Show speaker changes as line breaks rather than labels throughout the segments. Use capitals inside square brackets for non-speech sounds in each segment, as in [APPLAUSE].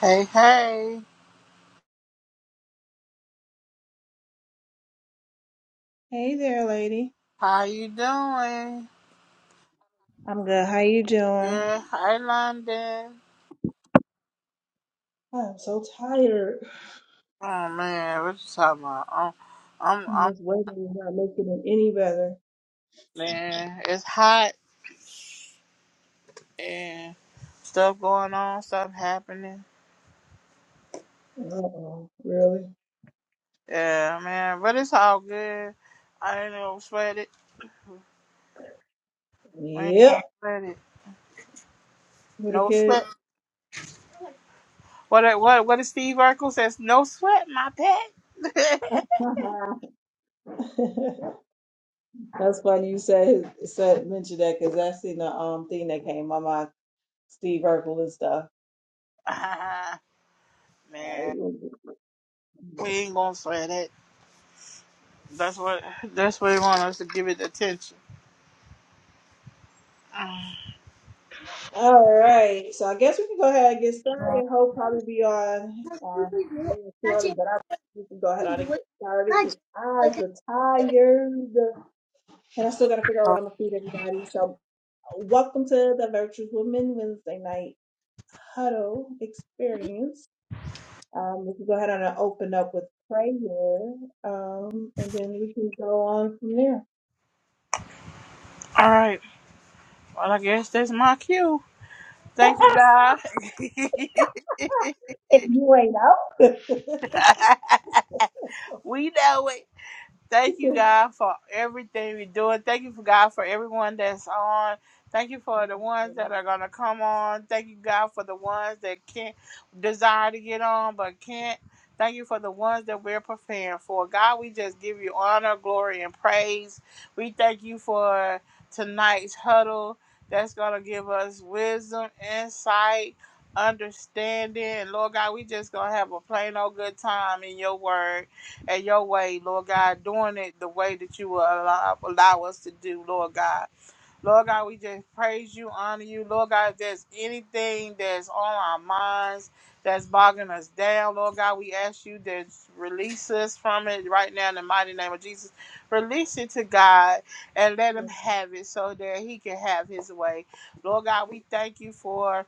Hey, hey,
Hey there, lady.
how you doing?
I'm good. How you doing?
Yeah, hi London.
I am so tired.
Oh man, what you talking about? I'm, I'm, I'm
This weather is not making it any better.
man, it's hot and stuff going on, stuff happening.
Uh-oh. Really?
Yeah, man, but it's all good. I ain't no sweat it. We ain't
Yep.
gonna sweat it.
With a
No
kid.
sweat. What? What? What is Steve Urkel says? No sweat, my pet.
[LAUGHS] That's funny you said said mentioned that because that's seen the um thing that came my mind, Steve Urkel and stuff.
[LAUGHS] Ah, man,
All right.
we ain't gonna sweat it. That's what. That's what he want us to give it attention.
All right. So I guess we can go ahead and get started.
Mm-hmm.
Hope probably be on uh, really shortly, but I we can go ahead on and get started because eyes are tired, and I still got to figure out what I'm gonna feed everybody. So welcome to the Virtuous Women Wednesday night huddle experience. Um, we can go ahead on and open up with prayer, um, and then we can go on from there.
All right. Well, I guess that's my cue. Thank you, God. [LAUGHS]
If you ain't out.
we know it. Thank you, God, for everything we're doing. Thank you, for God, for everyone that's on. Thank you for the ones that are going to come on. Thank you, God, for the ones that can't desire to get on but can't. Thank you for the ones that we're preparing for. God, we just give you honor, glory, and praise. We thank you for tonight's huddle that's going to give us wisdom, insight, understanding. And Lord God, we just going to have a plain old good time in your word at your way, Lord God, doing it the way that you will allow, allow us to do, Lord God. Lord God, we just praise you, honor you. Lord God, if there's anything that's on our minds that's bogging us down, Lord God, we ask you to release us from it right now in the mighty name of Jesus. Release it to God and let him have it so that he can have his way. Lord God, we thank you for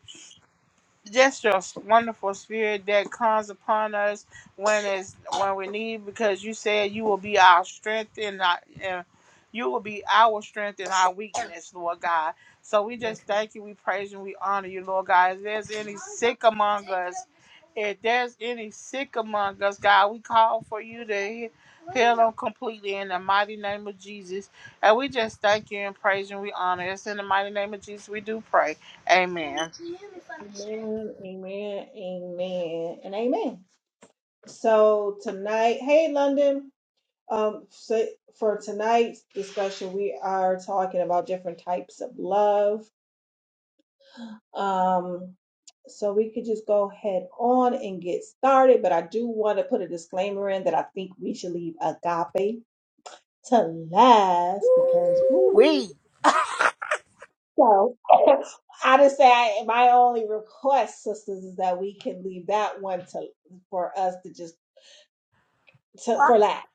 just your wonderful spirit that comes upon us when it's when we need because you said you will be our strength and our and you will be our strength and our weakness, Lord God. So we
[LAUGHS]
just thank you, we praise you, we honor you, Lord God. If there's any sick among us, if there's any sick among us, God, we call for you to he- heal them completely in the mighty name of Jesus. And we just thank you and praise you and we honor us. In the mighty name of Jesus, we do pray. Amen.
Amen, amen, amen, and amen. So tonight, hey London, um, so for tonight's discussion, we are talking about different types of love. Um, so we could just go head on and get started, but I do want to put a disclaimer in that I think we should leave agape to last because woo,
We.
so [LAUGHS] I just say I, my only request, sisters, is that we can leave that one to for us to just to, for lack.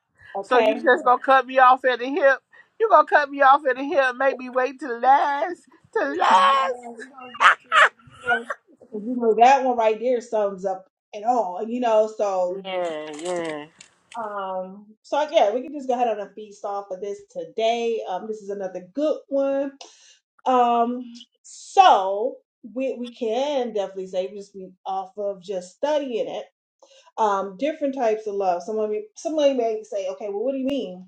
So you
Okay.
just gonna cut me off at the hip? You gonna cut me off at the hip? Make me wait till last? Till
Yeah,
last?
we're gonna get through, you know, you know that one right there sums up it all, you know. So
Yeah, yeah.
um so yeah, we can just go ahead on a feast off of this today. Um this is another good one. Um so we we can definitely say just be off of just studying it. Um different types of love. Someone may- somebody may say, okay, well what do you mean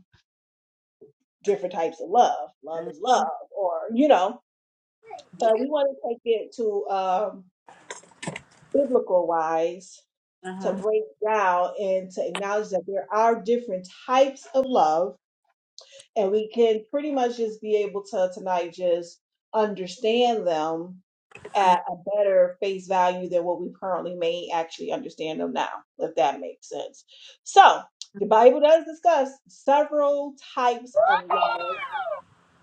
different types of love? Love is love, or you know but we want to take it to um, biblical wise to
Uh-huh.
break down and to acknowledge that there are different types of love and we can pretty much just be able to tonight just understand them at a better face value than what we currently may actually understand them now if that makes sense so the bible does discuss several types of love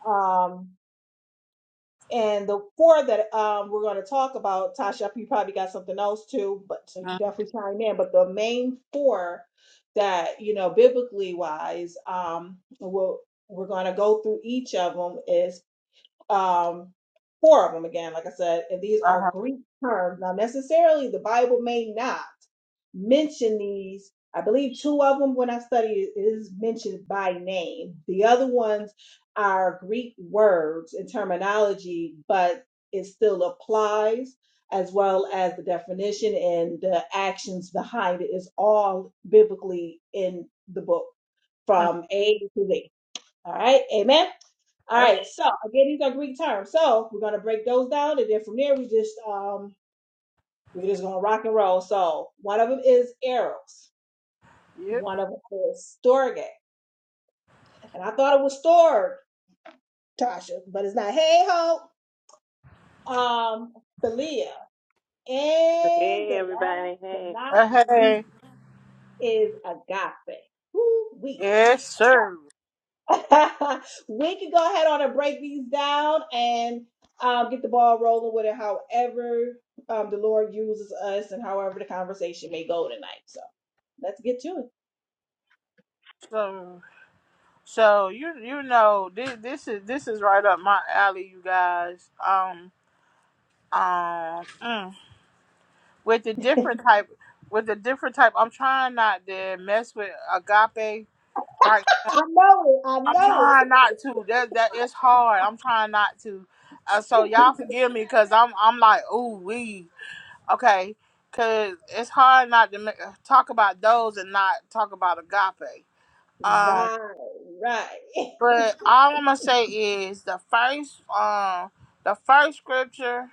Um, And the four that um, we're going to talk about, Tasha, you probably got something else too, but so you definitely chime in. But the main four that you know, biblically wise, um, we'll, we're going to go through each of them. Is um, four of them again, like I said, and these are
Uh-huh.
Greek terms. Now, necessarily, the Bible may not mention these. I believe two of them, when I studied it, is mentioned by name. The other ones are Greek words and terminology, but it still applies as well as the definition and the actions behind it is all biblically in the book from A to Z. All right, amen. All
Uh-huh.
right, so again, these are Greek terms. So we're gonna break those down, and then from there we just um we're just gonna rock and roll. So one of them is eros,
Yep.
one of them is storge, and I thought it was storg, Tasha, but it's not. Hey ho, um, philia, and
Hey,
the last
everybody.
but
Hey.
not
Uh, hey.
least is agape. Woo wee.
Yes, sir.
[LAUGHS] we can go ahead on and break these down and um, get the ball rolling with it however um, the Lord uses us and however the conversation may go tonight. So let's get to it.
So, so you you know this this is this is right up my alley, you guys. Um, um, mm. with the different type, with the different type. I'm trying not to mess with agape, right?
I know it. I
I'm
know
trying
it.
not to. That that it's hard. I'm trying not to. Uh, so y'all forgive me because I'm I'm like ooh we okay because it's hard not to make, talk about those and not talk about agape. Um,
Right, right.
but all I'm gonna say is the first um the first scripture.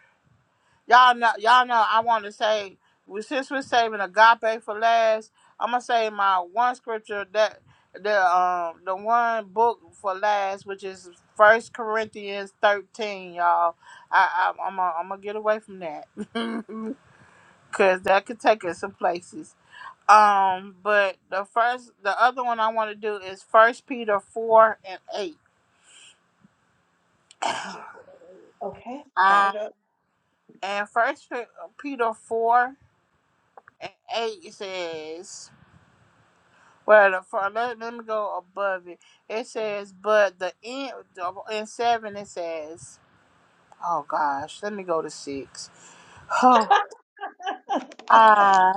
Y'all know, y'all know. I want to say, we- since we're saving agape for last, I'm gonna say my one scripture that the um the one book for last, which is First Corinthians 13, y'all. I, I I'm gonna, I'm gonna get away from that [LAUGHS] because that could take us some places. Um, but the first, the other one I want to do is First Peter 4 and 8.
Okay, got
Um,
it up.
and First Peter 4 and 8 says. Well, for, let, let me go above it. It says, but the end in seven it says, oh gosh, let me go to six. Oh, uh,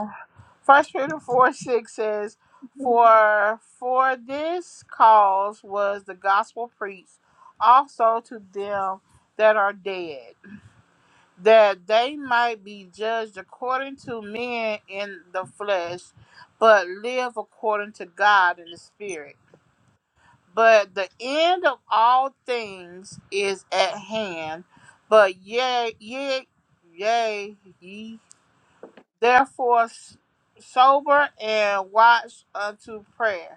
First Peter four six says,
[LAUGHS]
for for this cause was the gospel preached, also to them that are dead, that they might be judged according to men in the flesh, but live according to God in the spirit. But the end of all things is at hand. But yea, yea, yea, ye therefore s- sober and watch unto prayer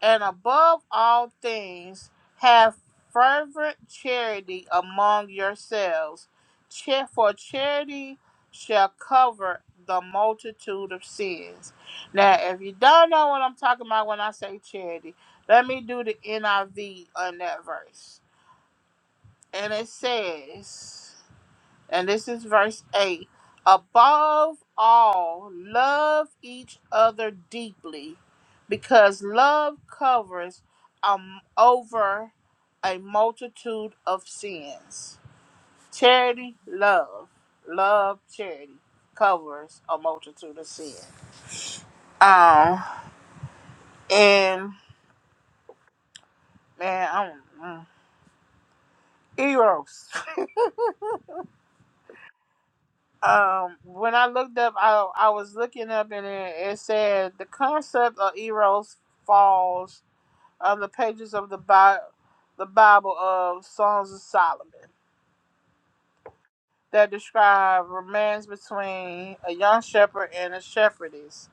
and above all things, have fervent charity among yourselves, cha- for charity shall cover the multitude of sins. Now, if you don't know what I'm talking about when I say charity, let me do the NIV on that verse. And it says, and this is verse 8 above all love each other deeply because love covers um over a multitude of sins charity love love charity covers a multitude of sins um and man i am mm, eros [LAUGHS] Um, when I looked up, I I was looking up and it, it said the concept of Eros falls on the pages of the Bi- the Bible of Songs of Solomon that describe romance between a young shepherd and a shepherdess.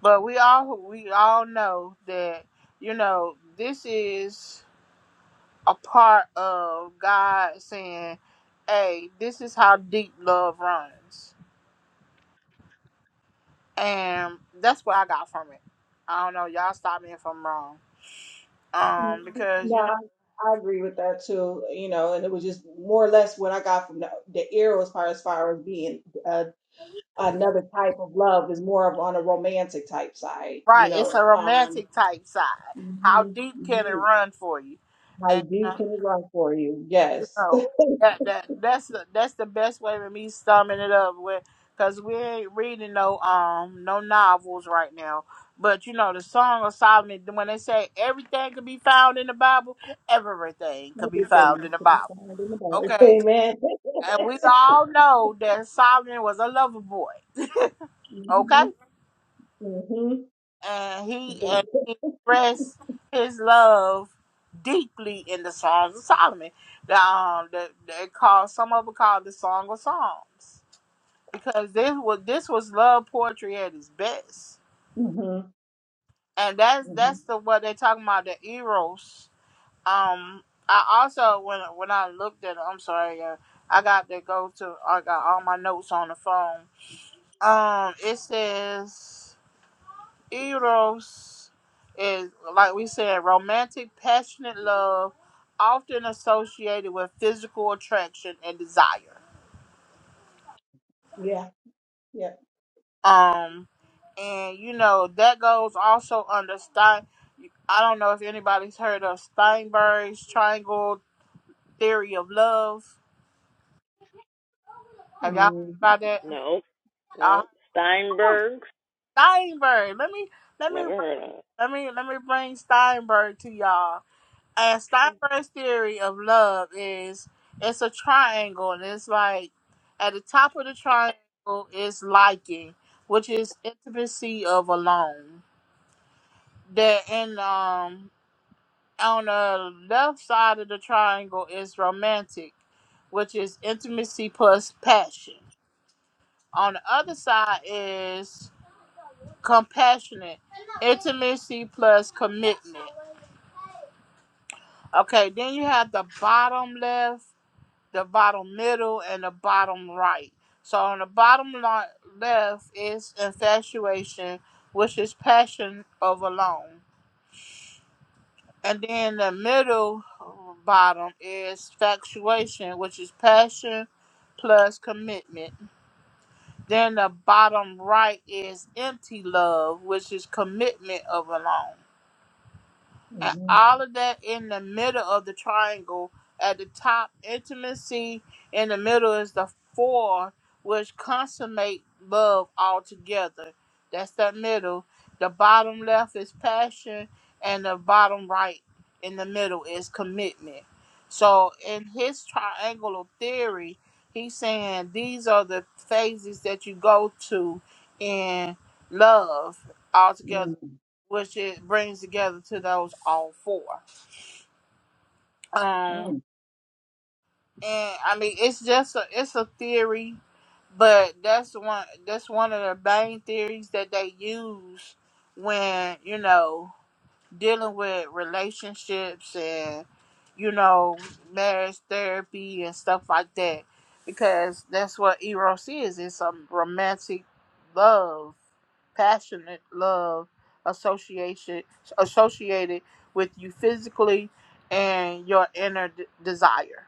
But we all we all know that you know this is a part of God saying, "Hey, this is how deep love runs." And that's what I got from it. I don't know, y'all stop me if I'm wrong.
Mm,
Um,
mm,
because
No,
you know
I, I agree with that too. You know, and it was just more or less what I got from the, the Eros part as far as being uh, another type of love is more of on a romantic type side. You
right, it's
know,
a
um,
romantic type side. How
mhm,
deep can it
mhm.
run for you?
I
And you
do
know,
can run for you. Yes.
so that that that's the that's the best way of me summing it up with because we ain't reading no um no novels right now. But you know, the Song of Solomon when they say everything could be found in the Bible, everything could be found in
Everything
the
to be
Bible.
found in the Bible. [LAUGHS]
Okay.
Amen. [LAUGHS]
And we all know that Solomon was a lover boy, okay?
mhm. Mhm.
And he
Yeah.
and he expressed his love deeply in the Songs of Solomon. The, um, that they call some of it called the Song of Psalms because this was this was love poetry at its best,
Mhm.
and that's
Mhm.
that's the what they're talking about the eros. Um, I also when when I looked at I'm sorry, uh, I got to go to I got all my notes on the phone Um, it says eros is like we said, romantic, passionate love, often associated with physical attraction and desire.
Yeah. Yeah.
Um, and you know that goes also under Stein. I don't know if anybody's heard of Steinberg's triangle theory of love. Have y'all heard
Mhm.
about that?
No,
you
no. Steinberg's
Steinberg. Let me let me
Never
bring-
heard of. it.
let me let me bring Steinberg to y'all. And Steinberg's theory of love is it's a triangle, and it's like at the top of the triangle is liking, which is intimacy of alone. That in um on the left side of the triangle is romantic, which is intimacy plus passion. On the other side is compassionate, intimacy plus commitment. Okay, then you have the bottom left the bottom middle, and the bottom right. So on the bottom left is infatuation, which is passion of alone. And then the middle uh, bottom is factuation, which is passion plus commitment. Then the bottom right is empty love, which is commitment of alone. and
Mhm.
all of that in the middle of the triangle. At the top, intimacy. In the middle is the four, which consummate love altogether. That's that middle. The bottom left is passion, and the bottom right in the middle is commitment. So, in his triangular theory, he's saying these are the phases that you go to in love altogether
Mhm.
which it brings together to those all four. Um,
Mm.
and I mean, it's just a, it's a theory, but that's one that's one of the main theories that they use when you know dealing with relationships and you know marriage therapy and stuff like that, because that's what eros is. It's a romantic love passionate love association associated with you physically and your inner d- desire.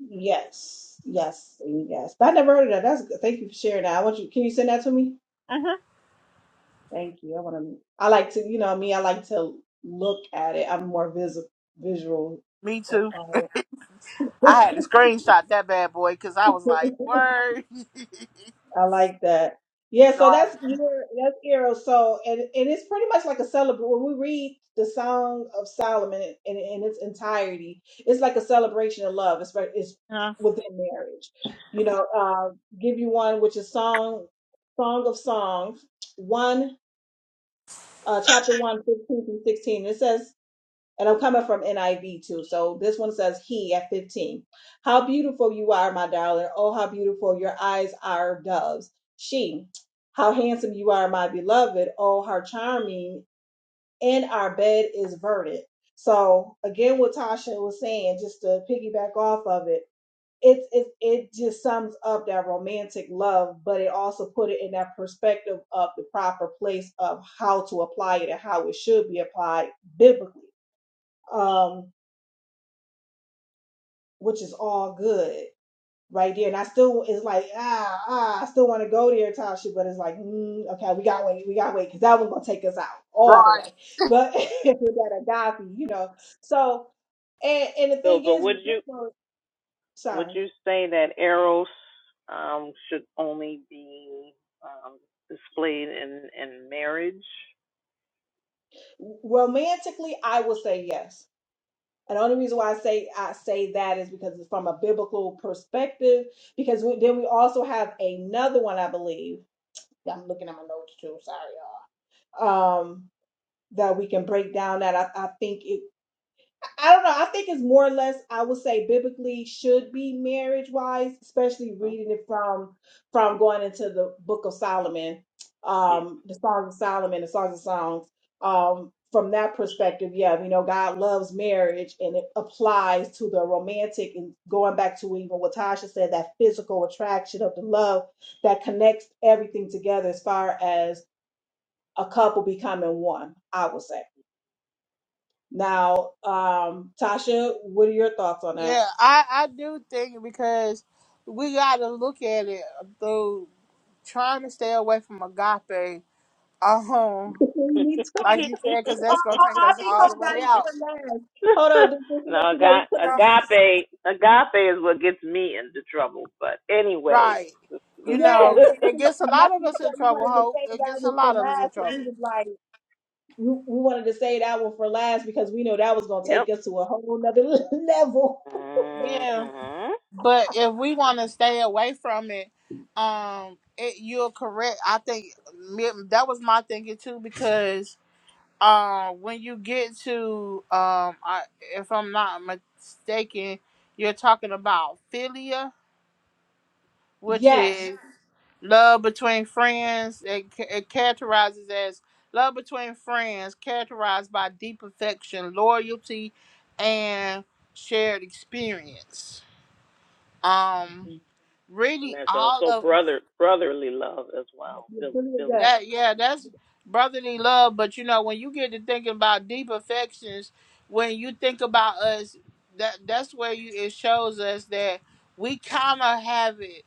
Yes. Yes. and Yes. I never heard of that. That's good. Thank you for sharing that. I want you. Can you send that to me?
hmm
Thank you. I want to. I like to. You know me. I like to look at it. I'm more visible, visual.
Me too.
Apply
I
it.
had to screenshot that bad boy because I was like,
[LAUGHS]
"Word, [LAUGHS]
I like that. Yeah, so
right?
that's year that's Eero. So and, and it's pretty much like a celebration when we read the Song of Solomon in, in, in its entirety, it's like a celebration of love. It's right, it's
Yeah.
within marriage. You know, uh, give you one which is Song Song of Songs, one uh, chapter one, fifteen 15 through sixteen. It says and I'm coming from NIV too. So this one says he at 15. How beautiful you are, my darling. Oh, how beautiful your eyes are doves. She, how handsome you are, my beloved. Oh, how charming. And our bed is verdant. So again, what Tasha was saying, just to piggyback off of it, it it it just sums up that romantic love, but it also put it in that perspective of the proper place of how to apply it and how it should be applied biblically. Um, which is all good right there. And I still it's like ah ah, I still want to go there type shit, but it's like mm, okay, we got to wait, we got to wait because that one's gonna take us out all the
Right.
way. But [LAUGHS] that agape, you know. So and and the
So,
thing
but
is,
would
with this
you
one-
would
sorry,
you say that eros um, should only be um, displayed in in marriage?
romantically, I will say yes. And the only reason why I say I say that is because it's from a biblical perspective. Because we, then we also have another one, I believe. I'm looking at my notes too. Sorry, y'all. Um. that we can break down that I, I think it I don't know. I think it's more or less I would say biblically should be marriage wise, especially
Hmm?
reading it from from going into the book of Solomon,
Yeah.
um, the Songs of Solomon, the Songs of Songs. Um, from that perspective, yeah, you know, God loves marriage and it applies to the romantic and going back to even what Tasha said, that physical attraction of the love that connects everything together as far as a couple becoming one, I would say. Now, um, Tasha, what are your thoughts on that?
Yeah, I I do think because we got to look at it through trying to stay away from agape. Um,
Me too.
Yeah.
[LAUGHS]
like you said, because
Oh,
that's gonna
oh,
take
I
us
think
all the
Hope got
way
into
out.
it last. Hold on, just just to
no,
let you know, we
aga-
put our
agape agape is what gets me into trouble. But anyway,
Right. You know,
yes,
c-
and
it
since
gets a
that's
lot of
what we
us in
said. We
trouble,
wanted to
Hope.
save
It
that
gets a
one for
lot of us in
last, and
trouble.
we was like, we, we wanted to save that one for last because we know that was
[LAUGHS]
gonna
yep.
take us to a whole nother [LAUGHS] level.
Yeah.
hmm
But if we want to stay away from it, um, it, you're correct. I think me- that was my thinking too, because uh, when you get to, um, I, if I'm not mistaken, you're talking about philia, which
Yes.
is Love between friends, it, it characterizes as love between friends, characterized by deep affection, loyalty, and shared experience. Um,
Mhm.
And
really,
there's
all
also
of
brother brotherly love as well. Phil- Philia.
that, yeah, that's brotherly love. But you know, when you get to thinking about deep affections, when you think about us, that that's where you it shows us that we kind of have it.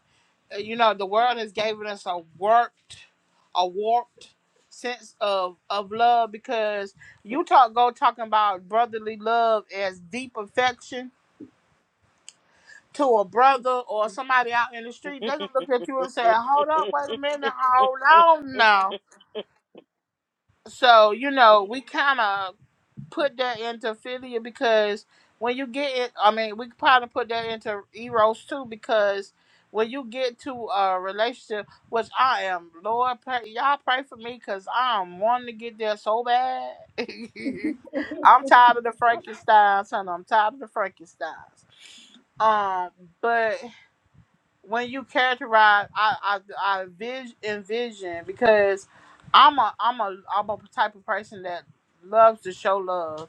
uh, you know, the world has given us a warped, a warped sense of of love because you talk go talking about brotherly love as deep affection to a brother or somebody out in the
[LAUGHS]
street. They gonna look at you and say, "Hold up, wait a minute, hold on now." So you know, we kind of put that into Philia because when you get it, I mean, we could probably put that into Eros too because when you get to a relationship, which I am, Lord, pray, y'all pray for me because I'm wanting to get there so bad. [LAUGHS] I'm tired of the Frankensteins, honey. I'm tired of the Frankensteins. Um, but when you characterize I I I vis- envision because I'm a I'm a I'm a type of person that loves to show love.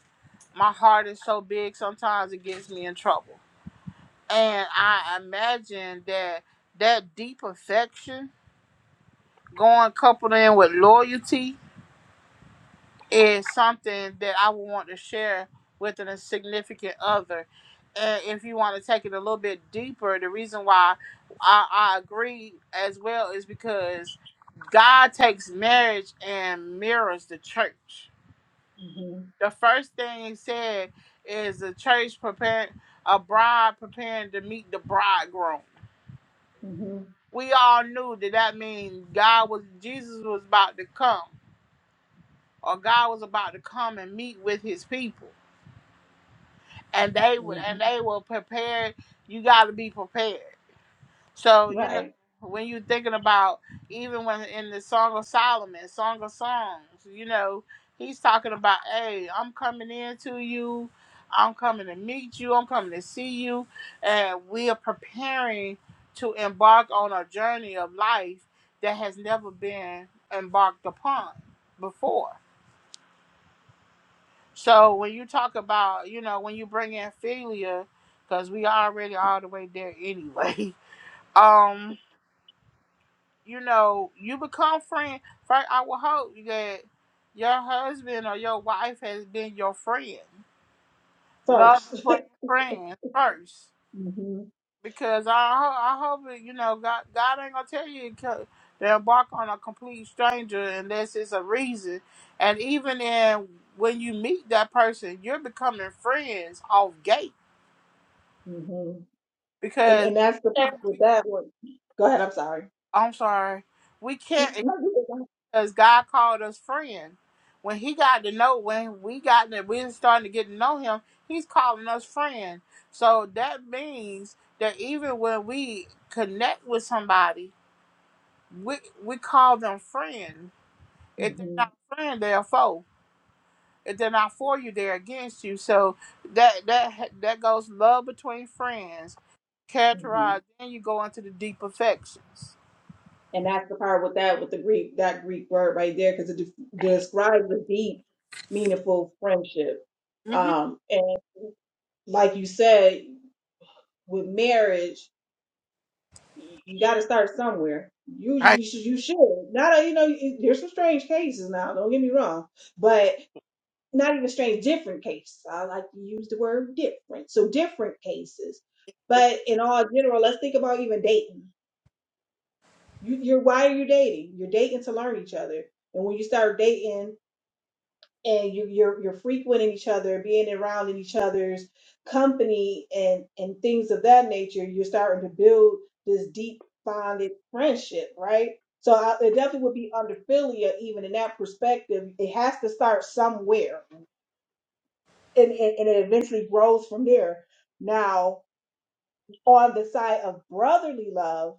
My heart is so big sometimes it gets me in trouble. And I imagine that that deep affection going coupled in with loyalty is something that I would want to share with a significant other. And if you want to take it a little bit deeper, the reason why I, I agree as well is because God takes marriage and mirrors the church.
hmm
The first thing he said is the church preparing a bride preparing to meet the bridegroom.
hmm
We all knew that that means God was Jesus was about to come, or God was about to come and meet with His people and they would
hmm
and they will prepare you got to be prepared so you know
Right.
when you're thinking about even when in the song of solomon song of songs you know he's talking about hey i'm coming in to you i'm coming to meet you i'm coming to see you and we are preparing to embark on a journey of life that has never been embarked upon before so when you talk about, you know, when you bring in failure, because we already all the way there anyway. [LAUGHS] Um, you know, you become friend. First, I would hope that your husband or your wife has been your friend. Love
First.
between friends first,
[LAUGHS] hmm
because I ho- I hope that, you know God God ain't gonna tell you to to embark on a complete stranger unless it's a reason. And even in when you meet that person, you're becoming friends off gate
hmm And
because
and that's the part with that one. Go ahead. I'm sorry.
I'm sorry, we
No,
can't
you go.
because God called us friend. When He got to know, when we got that we were starting to get to know Him, He's calling us friend. So that means that even when we connect with somebody, we we call them friend. If they're
hmm
not a friend, they're a foe. If they're not for you, they're against you. So that that that goes love between friends.
hmm
Characterize, then you go into the deep affections.
And that's the part with that with the Greek that Greek word right there because it de- describes a deep, meaningful friendship. Um, and like you said, with marriage, you got to start somewhere. Usually,
Right.
you should. Not a, you know, there's some strange cases now. Don't get me wrong, but not even strange, different cases. I like to use the word different. So different cases, but in all general, let's think about even dating. You, you're why are you dating? You're dating to learn each other, and when you start dating. and you, you're you're frequenting each other, being around in each other's company, and and things of that nature, you're starting to build this deep bonded friendship, right? So I, it definitely would be under philia, even in that perspective. It has to start somewhere, and, and and it eventually grows from there. Now, on the side of brotherly love,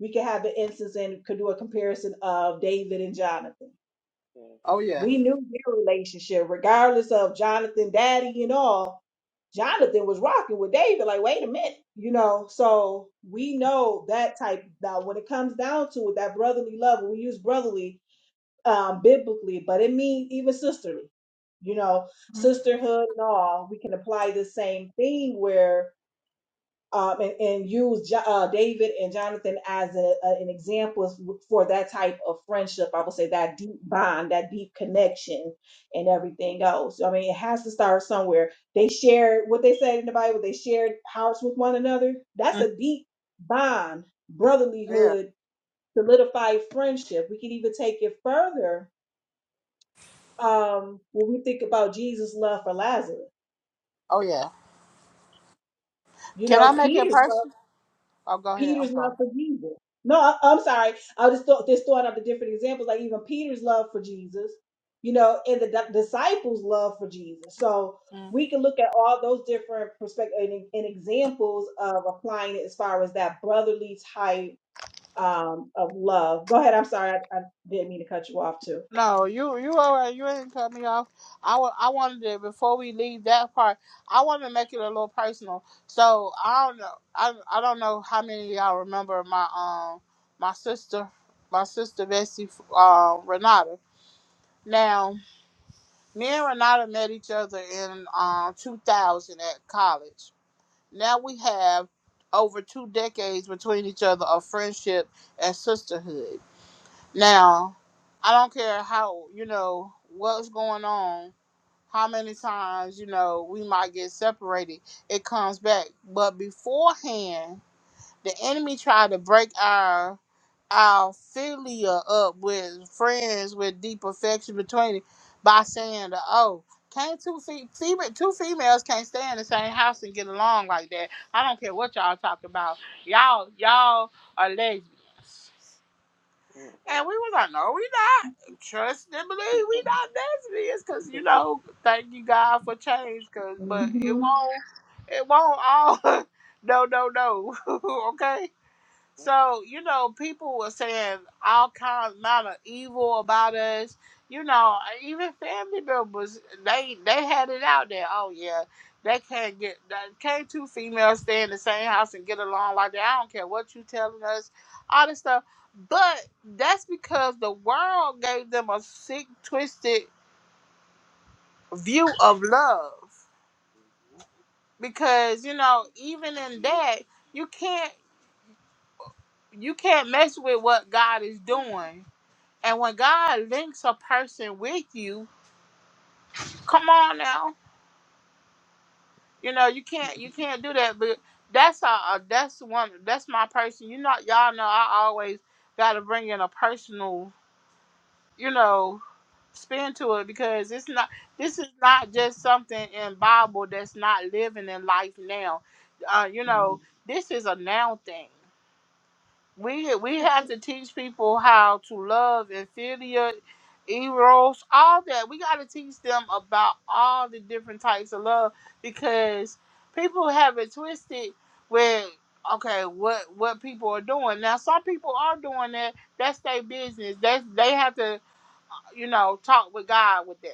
we can have the instance and could do a comparison of David and Jonathan.
Oh yeah.
We knew their relationship, regardless of Jonathan, daddy, and all Jonathan was rocking with David. Like, wait a minute, you know. So we know that type. Now, when it comes down to it, that brotherly love, we use brotherly um, biblically, but it means even sisterly. You know,
Mhm.
sisterhood and all. We can apply the same thing where um, and, and use Jo- uh, David and Jonathan as a, a- an example for that type of friendship. I would say that deep bond, that deep connection, and everything else. I mean, it has to start somewhere. They shared what they said in the Bible. They shared hearts with one another. That's
Mm.
a deep bond,
oh, Yeah.
brotherlyhood, solidified friendship. We can even take it further um, when we think about Jesus' love for Lazarus.
Oh yeah.
You
Can I
know,
make it
Peter's
personal? Oh, go ahead. I'm
Peter's love
sorry.
for Jesus. No, I, I'm sorry. I was just thought just throwing out the different examples, like even Peter's love for Jesus, you know, and the di- disciples' love for Jesus. So
Mm.
we can look at all those different perspectives and, and examples of applying it as far as that brotherly type um, of love. Go ahead. I'm sorry. I, I didn't mean to cut you off too.
No, you you all right. You ain't cut me off. I wa- I wanted to before we leave that part. I want to make it a little personal. So I don't know. I I don't know how many of y'all remember my um my sister my sister Bessie uh, Renata. Now me and Renata met each other in um 2000 at college Now we have over two decades between each other of friendship and sisterhood. Now, I don't care how, you know, what's going on, how many times, you know, we might get separated, it comes back. But beforehand, the enemy tried to break our our filia up with friends with deep affection between it by saying the oh can't two fe- fema- two females can't stay in the same house and get along like that. I don't care what y'all talk about. Y'all y'all are lesbians. And we was like, no, we not. Trust and believe we not lesbians, cause you know, thank you God for change, cause but it won't, it won't all. [LAUGHS] no, no, no. [LAUGHS] okay so, you know, people were saying all kinds amount of evil about us. You know, even family members, they they had it out there. Oh yeah, they can't get that can't two females stay in the same house and get along like that. I don't care what you telling us, all this stuff. But that's because the world gave them a sick, twisted view of love. Because, you know, even in that, you can't you can't mess with what God is doing And when God links a person with you, come on now, you know you can't you can't do that. But that's a, a that's one that's my person. You know y'all know I always got to bring in a personal you know spin to it because it's not this is not just something in Bible that's not living in life now. Uh, you
hmm
know this is a now thing. we we have to teach people how to love inferior eros all that we got to teach them about all the different types of love because people have it twisted where okay what what people are doing now some people are doing that that's their business that's they have to you know talk with god with that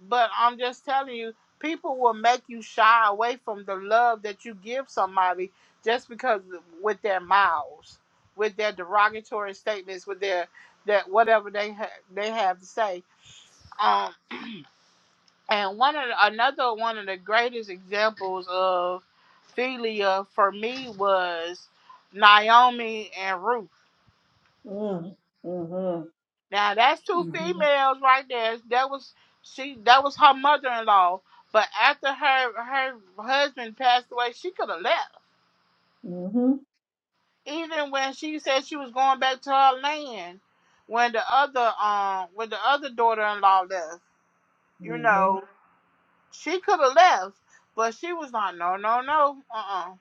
but I'm just telling you, people will make you shy away from the love that you give somebody just because with their mouths, with their derogatory statements, with their that whatever they ha- they have to say. Um, and one of the, another one of the greatest examples of philia for me was Naomi and Ruth.
Mm, mm-hmm,
Now that's two
mm-hmm,
females right there. That was she. That was her mother-in-law. But after her her husband passed away, she could have left.
mm-hmm,
Even when she said she was going back to her land, when the other um when the other daughter-in-law left, you know,
mm-hmm,
she could have left. But she was like, no, no, no, uh-uh.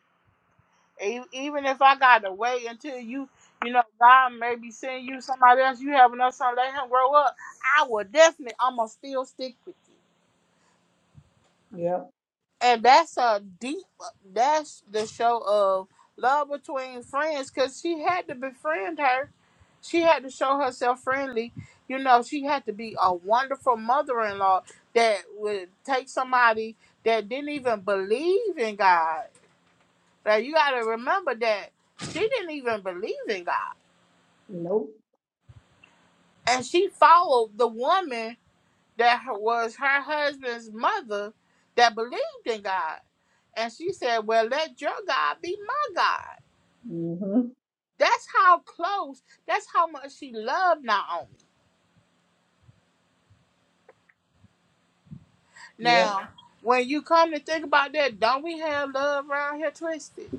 E- Even if I gotta wait until you, you know, God maybe send you somebody else, you have enough son, let him grow up. I will definitely, I'ma still stick with you.
yep,
and that's a deep that's the show of love between friends because she had to befriend her she had to show herself friendly you know she had to be a wonderful mother-in-law that would take somebody that didn't even believe in god now you got to remember that she didn't even believe in god
nope,
and she followed the woman that was her husband's mother that believed in God. And she said, Well, let your God be my God.
mm-hmm,
That's how close, that's how much she loved Naomi.
yep,
Now, when you come to think about that, don't we have love around here twisted?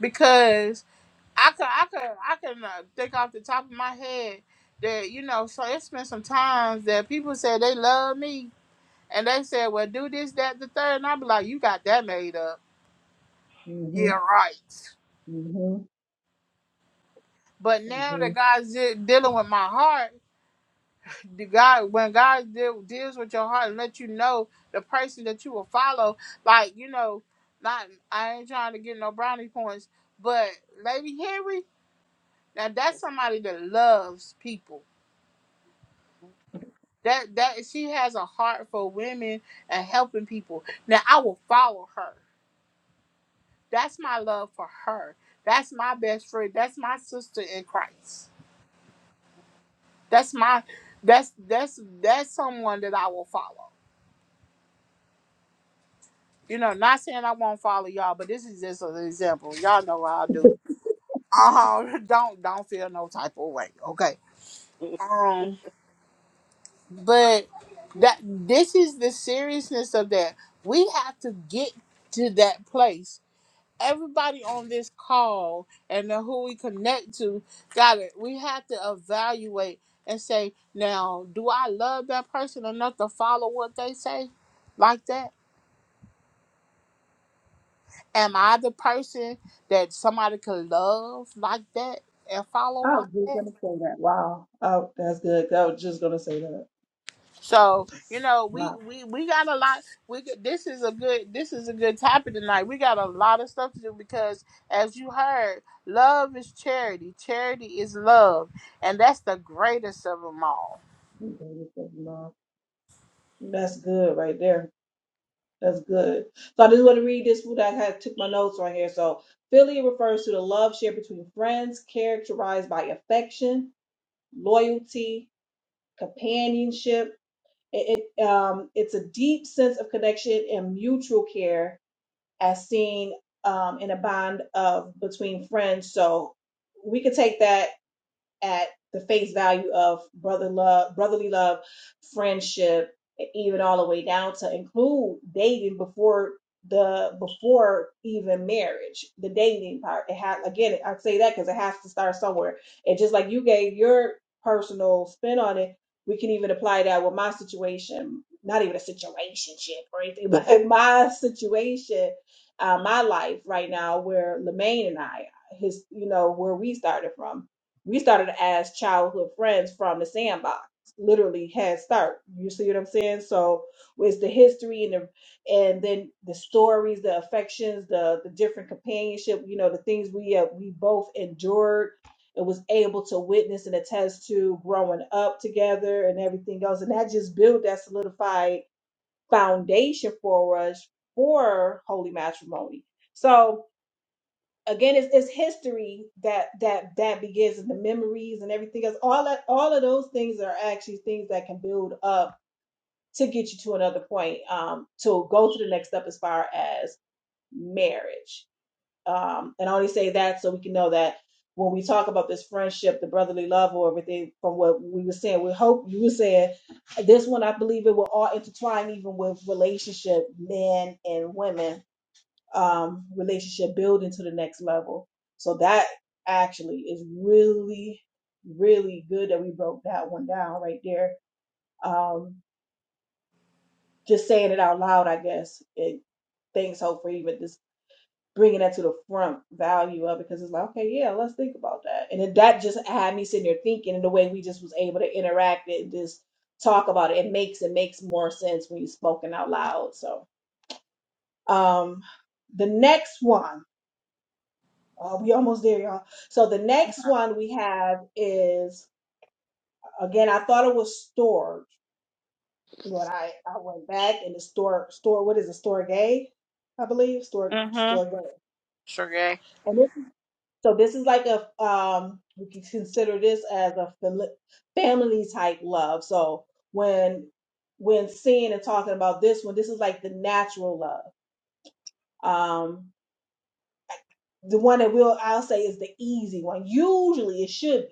Because I could, I could, I can uh, think off the top of my head that you know. So it's been some times that people said they love me, and they said, "Well, do this, that, the third. and I be like, "You got that made up."
mm-hmm,
Yeah, right.
mm-hmm,
But now
mm-hmm.
that God's de- dealing with my heart, the God when God deal, deals with your heart and let you know the person that you will follow, like you know, not I ain't trying to get no brownie points, but Lady Henry, now that's somebody that loves people. That that she has a heart for women and helping people. Now I will follow her. That's my love for her. That's my best friend. That's my sister in Christ. That's my that's that's that's someone that I will follow. you know, not saying I won't follow y'all, but this is just an example. Y'all know what I
[LAUGHS]
do. Uh, [LAUGHS] don't don't feel no type of way, okay? Um, but that this is the seriousness of that. We have to get to that place. Everybody on this call and the who we connect to, got it. We have to evaluate and say, now, do I love that person enough to follow what they say, like that? Am I the person that somebody could love like that and
I
follow
was
like
just
that?
gonna say that. Wow. Oh, that's good. I was just gonna say that.
So you know, we
Wow.
we we got a lot. We get- this is a good this is a good topic tonight. We got a lot of stuff to do because, as you heard, love is charity. Charity is love, and that's the greatest of them all.
You gave it that love. That's good right there. That's good. So I just want to read this. What I had took my notes right here. So filial refers to the love shared between friends, characterized by affection, loyalty, companionship. It, it, um, it's a deep sense of connection and mutual care, as seen um, in a bond of between friends. So we could take that at the face value of brother love, brotherly love, friendship, even all the way down to include dating before the before even marriage, the dating part. It has again, I say that because it has to start somewhere. And just like you gave your personal spin on it, we can even apply that with my situation. Not even a situationship or anything, but [LAUGHS] in my situation, uh, my life right now, where Lemaine and I, his, you know, where we started from we started as childhood friends from the sandbox literally head start you see what i'm saying so it's the history and the and then the stories the affections the the different companionship you know the things we uh, we both endured and was able to witness and attest to growing up together and everything else and that just built that solidified foundation for us for holy matrimony so again it's, it's history that that that begins and the memories and everything else all that all of those things are actually things that can build up to get you to another point um to go to the next step as far as marriage um and i only say that so we can know that when we talk about this friendship the brotherly love or everything from what we were saying we hope you were saying this one i believe it will all intertwine even with relationship men and women um, relationship building to the next level. So that actually is really, really good that we broke that one down right there. Um, just saying it out loud, I guess, it thanks hope for even just bringing that to the front value of it because it's like, okay, yeah, let's think about that. And then that just had me sitting there thinking and the way we just was able to interact and just talk about it. It makes it makes more sense when you spoken out loud. So um the next one Uh, we almost there, y'all. So the next one we have is again. I thought it was storage, but I I went back and the store store. What is it? Store gay, I believe. Store
Mhm.
store gay.
Sergey.
And this is, so this is like a um. We can consider this as a family type love. So when when seeing and talking about this one, this is like the natural love. Um, the one that we'll I'll say is the easy one. Usually it should be.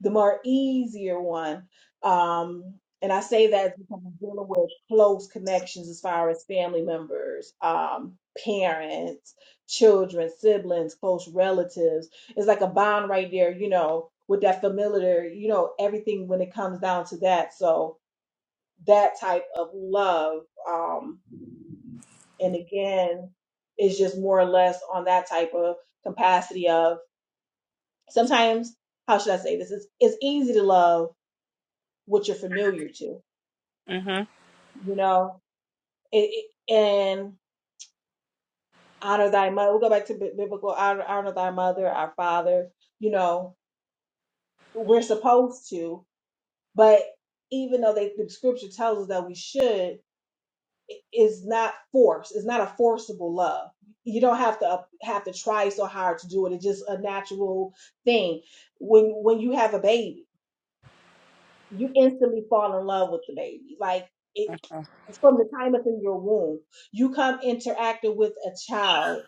the more easier one. Um, and I say that because I'm dealing with close connections as far as family members, um, parents, children, siblings, close relatives. It's like a bond right there, you know, with that familiar, you know, everything when it comes down to that. So that type of love, um, and again, is just more or less on that type of capacity of sometimes, how should I say this? It's, it's easy to love what you're familiar to,
Mhm.
you know, it, it- and honor thy mother. We'll go back to bi- biblical honor, honor thy mother, our father, you know, we're supposed to, but even though they, the scripture tells us that we should, it is not force. It's not a forcible love. You don't have to uh, have to try so hard to do it. It's just a natural thing. When when you have a baby, you instantly fall in love with the baby. Like it from the time it's in your womb, you come interacting with a child,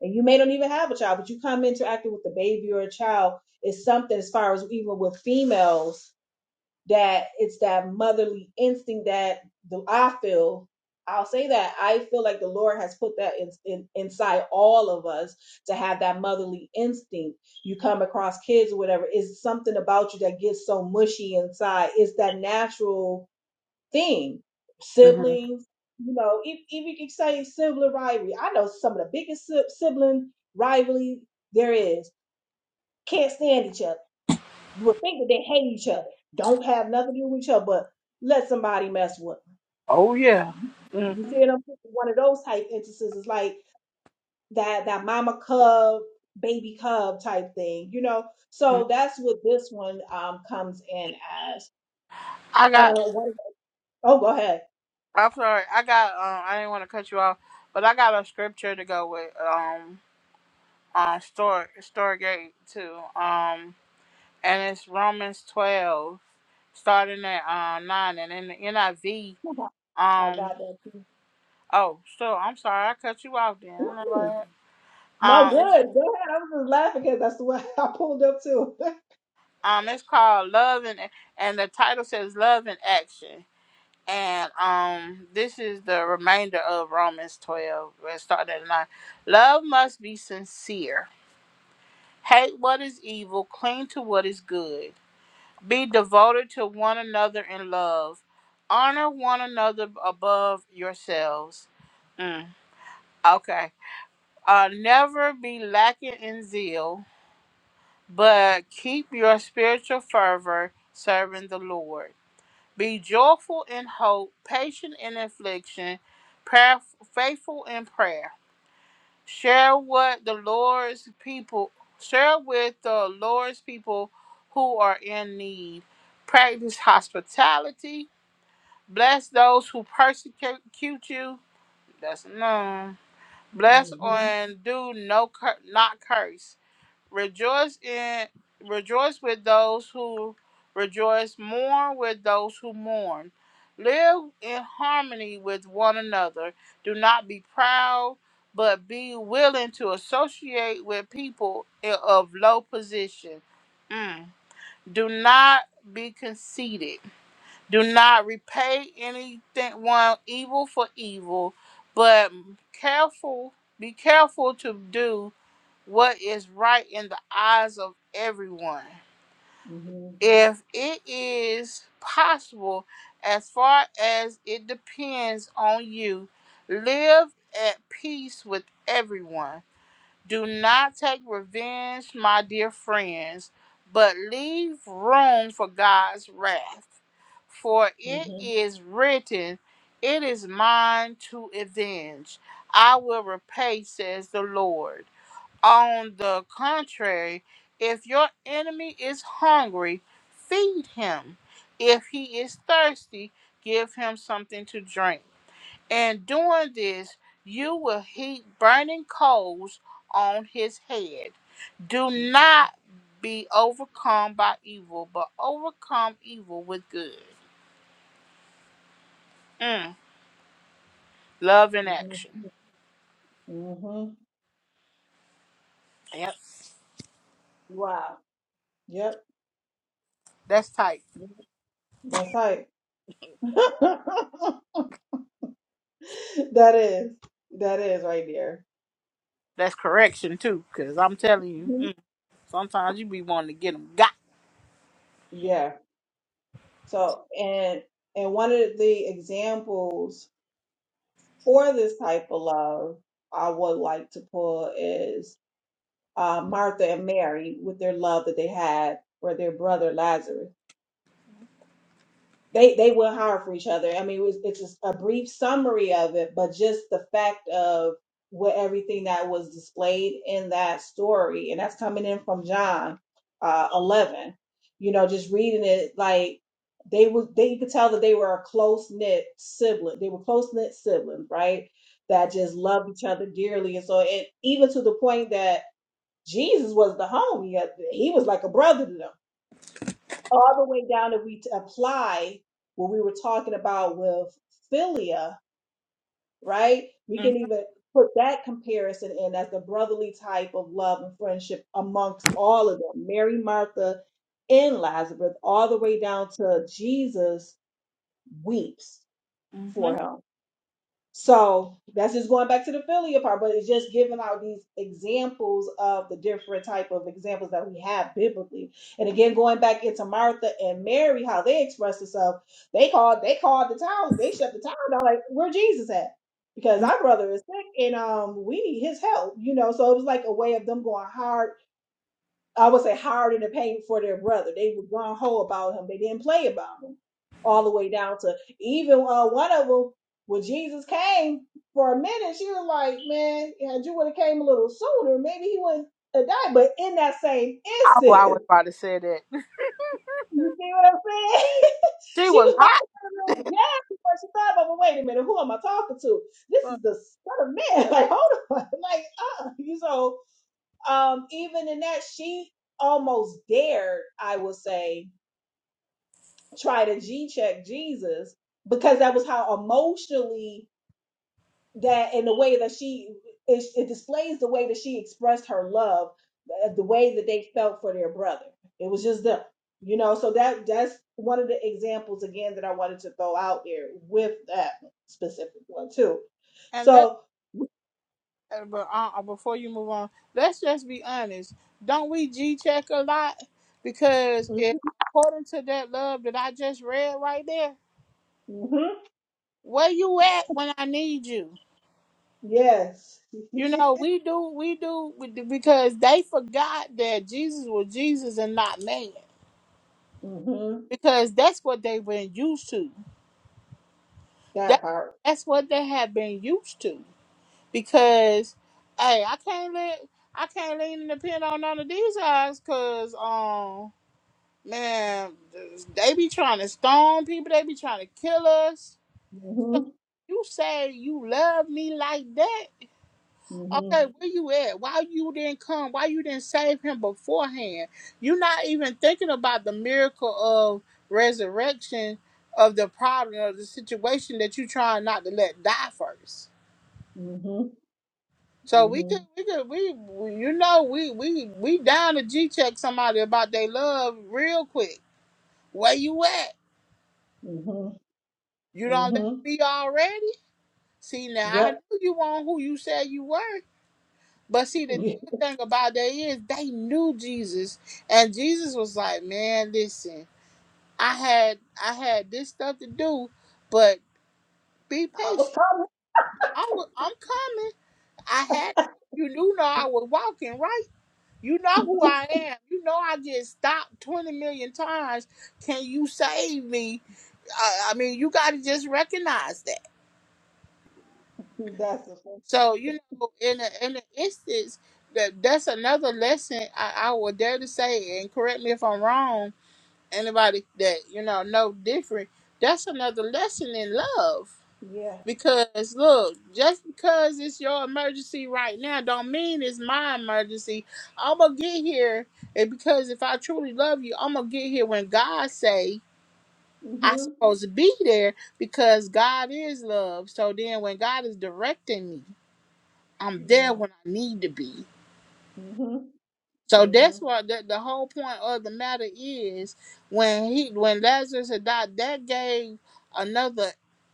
and you may not even have a child, but you come interacting with a baby or a child is something as far as even with females that it's that motherly instinct that the, I feel. I'll say that I feel like the Lord has put that in, in, inside all of us to have that motherly instinct. You come across kids or whatever, it's something about you that gets so mushy inside. It's that natural thing.
Mhm.
Siblings, you know, if, if you could say sibling rivalry, I know some of the biggest si- sibling rivalry there is. Can't stand each other you would think that they hate each other, don't have nothing to do with each other, but let somebody mess with
Oh yeah.
them. You see
Mhm.
what I'm saying? One of those type instances is like that that mama cub, baby cub type thing, you know. So that's what this one um comes in as.
I got.
And what is oh go ahead.
I'm sorry. I got. Um, I didn't want to cut you off, but I got a scripture to go with. Um, uh, store store gate too. Um, and it's Romans twelve, starting at uh nine, and in the NIV.
[LAUGHS] I
Um.
got that too.
Oh, so I'm sorry. I cut you off. Then. I'm
Mm-mm.
like,
No
Um. It's,
good. Go ahead. I'm just laughing because that's the way [LAUGHS] I pulled up too. [LAUGHS]
um. It's called love and and the title says love in action. And um, this is the remainder of Romans twelve, starting at nine. Love must be sincere. Hate what is evil, cling to what is good. Be devoted to one another in love. Honor one another above yourselves. Mm, okay. Uh, never be lacking in zeal, but keep your spiritual fervor serving the Lord. Be joyful in hope, patient in affliction, prayer, faithful in prayer. share what the Lord's people share with the Lord's people who are in need. Practice hospitality. Bless those who persecute you. That's none. Bless
hmm
and do no cur- not curse. Rejoice in rejoice with those who rejoice, mourn with those who mourn. Live in harmony with one another. Do not be proud, but be willing to associate with people i- of low position. Mm. Do not be conceited. Do not repay anything one evil for evil, but careful be careful to do what is right in the eyes of everyone.
hmm
If it is possible, as far as it depends on you, live at peace with everyone. Do not take revenge, my dear friends, but leave room for God's wrath. For it
hmm
is written, It is mine to avenge. I will repay, says the Lord. On the contrary, if your enemy is hungry, feed him. If he is thirsty, give him something to drink. And doing this, you will heap burning coals on his head. Do not be overcome by evil, but overcome evil with good. Mm, love in
hmm
action.
hmm
Yep,
Wow. Yep.
that's tight.
That's right. [LAUGHS] that is. That is right there.
That's correction too, because I'm telling you,
Mhm.
mm, sometimes you be wanting to get them got.
Yeah. So and and one of the examples for this type of love I would like to pull is uh, Martha and Mary with their love that they had for their brother Lazarus. they they will hire for each other. I mean, it was, it's just a brief summary of it, but just the fact of what everything that was displayed in that story, and that's coming in from John uh, eleven. You know, just reading it like they was they you could tell that they were a close knit sibling. They were close knit siblings, right? That just loved each other dearly, and so it even to the point that Jesus was the homie. uh, He was like a brother to them all the way down if we t- apply what we were talking about with philia, right? We
Mhm,
can even put that comparison in as the brotherly type of love and friendship amongst all of them Mary, Martha, and Lazarus, all the way down to Jesus weeps for
mhm.
him. So that's just going back to the Philia part, but it's just giving out these examples of the different type of examples that we have biblically. And again, going back into Martha and Mary, how they expressed themselves, they called they called the town, they shut the town down, like where Jesus at? Because
mhm.
our brother is sick and um we need his help, you know. So it was like a way of them going hard I would say hired and paid for their brother. They were gone ho about him. They didn't play about him all the way down to even uh, one of them when Jesus came for a minute. She was like, "Man, had you would have came a little sooner, maybe he wouldn't have died." But in that same
Oh, I
instance,
was about to say that [LAUGHS]
[LAUGHS] you see what I'm saying? [LAUGHS]
she
she
was
was about
hot.
to get a little jab before she thought about, well, wait a minute, who am I talking to? This
But,
is the son of man. [LAUGHS] Like, hold on, [LAUGHS] like, uh, you know um, even in that, she almost dared, I would say, try to G check Jesus because that was how emotionally that and the way that she it, it displays the way that she expressed her love, uh, the way that they felt for their brother. It was just them, you know. So that that's one of the examples again that I wanted to throw out there with that specific one too.
and let
So,
uh, but uh, uh, before you move on, let's just be honest. Don't we G check a lot? Because
mhm,
if according to that love that I just read right there,
mhm,
where you at when I need you?
yes,
You know we do we do we do- because they forgot that Jesus was Jesus and not man.
[LAUGHS] hmm
Because that's what they've been used to. That
that part.
that's what they have been used to. because hey, I can't let I can't lean and depend on none of these guys because um man they be trying to stone people, they be trying to kill us. So
Mm-hmm.
you say you love me like that.
Mhm.
Okay, where you at? Why you didn't come? Why you didn't save him beforehand? You're not even thinking about the miracle of resurrection of the problem of the situation that you trying not to let die first.
Mhm.
So we could,
Mhm.
we could, we, we you know, we, we, we down to G check somebody about they love real quick. Where you at?
Mhm.
You don't left
Mhm.
me already. See now, I
Yep.
knew you on who you said you were. But see, the
[LAUGHS]
good
Yeah.
thing about that is they knew Jesus, and Jesus was like, "Man, listen, I had, I had this stuff to do, but be
I was
patient.
coming.
I was, I'm coming. I had, you knew, know I was walking right." You know who I am. You know I just stopped 20 million times. Can you save me? I, I mean, you got to just recognize that.
That's the thing.
So, you know, in a, in an instance, that that's another lesson I, I would dare to say, and correct me if I'm wrong, anybody that, you know, know different, that's another lesson in love.
Yeah.
Because look, just because it's your emergency right now, don't mean it's my emergency. I'm gonna get here, and because if I truly love you, I'm gonna get here when God say I
Mhm.
supposed to be there. Because God is love. So then, when God is directing me, I'm there
Yeah.
when I need to be.
Mhm.
So that's
Mhm.
why the, the whole point of the matter is when he when Lazarus had died, that gave another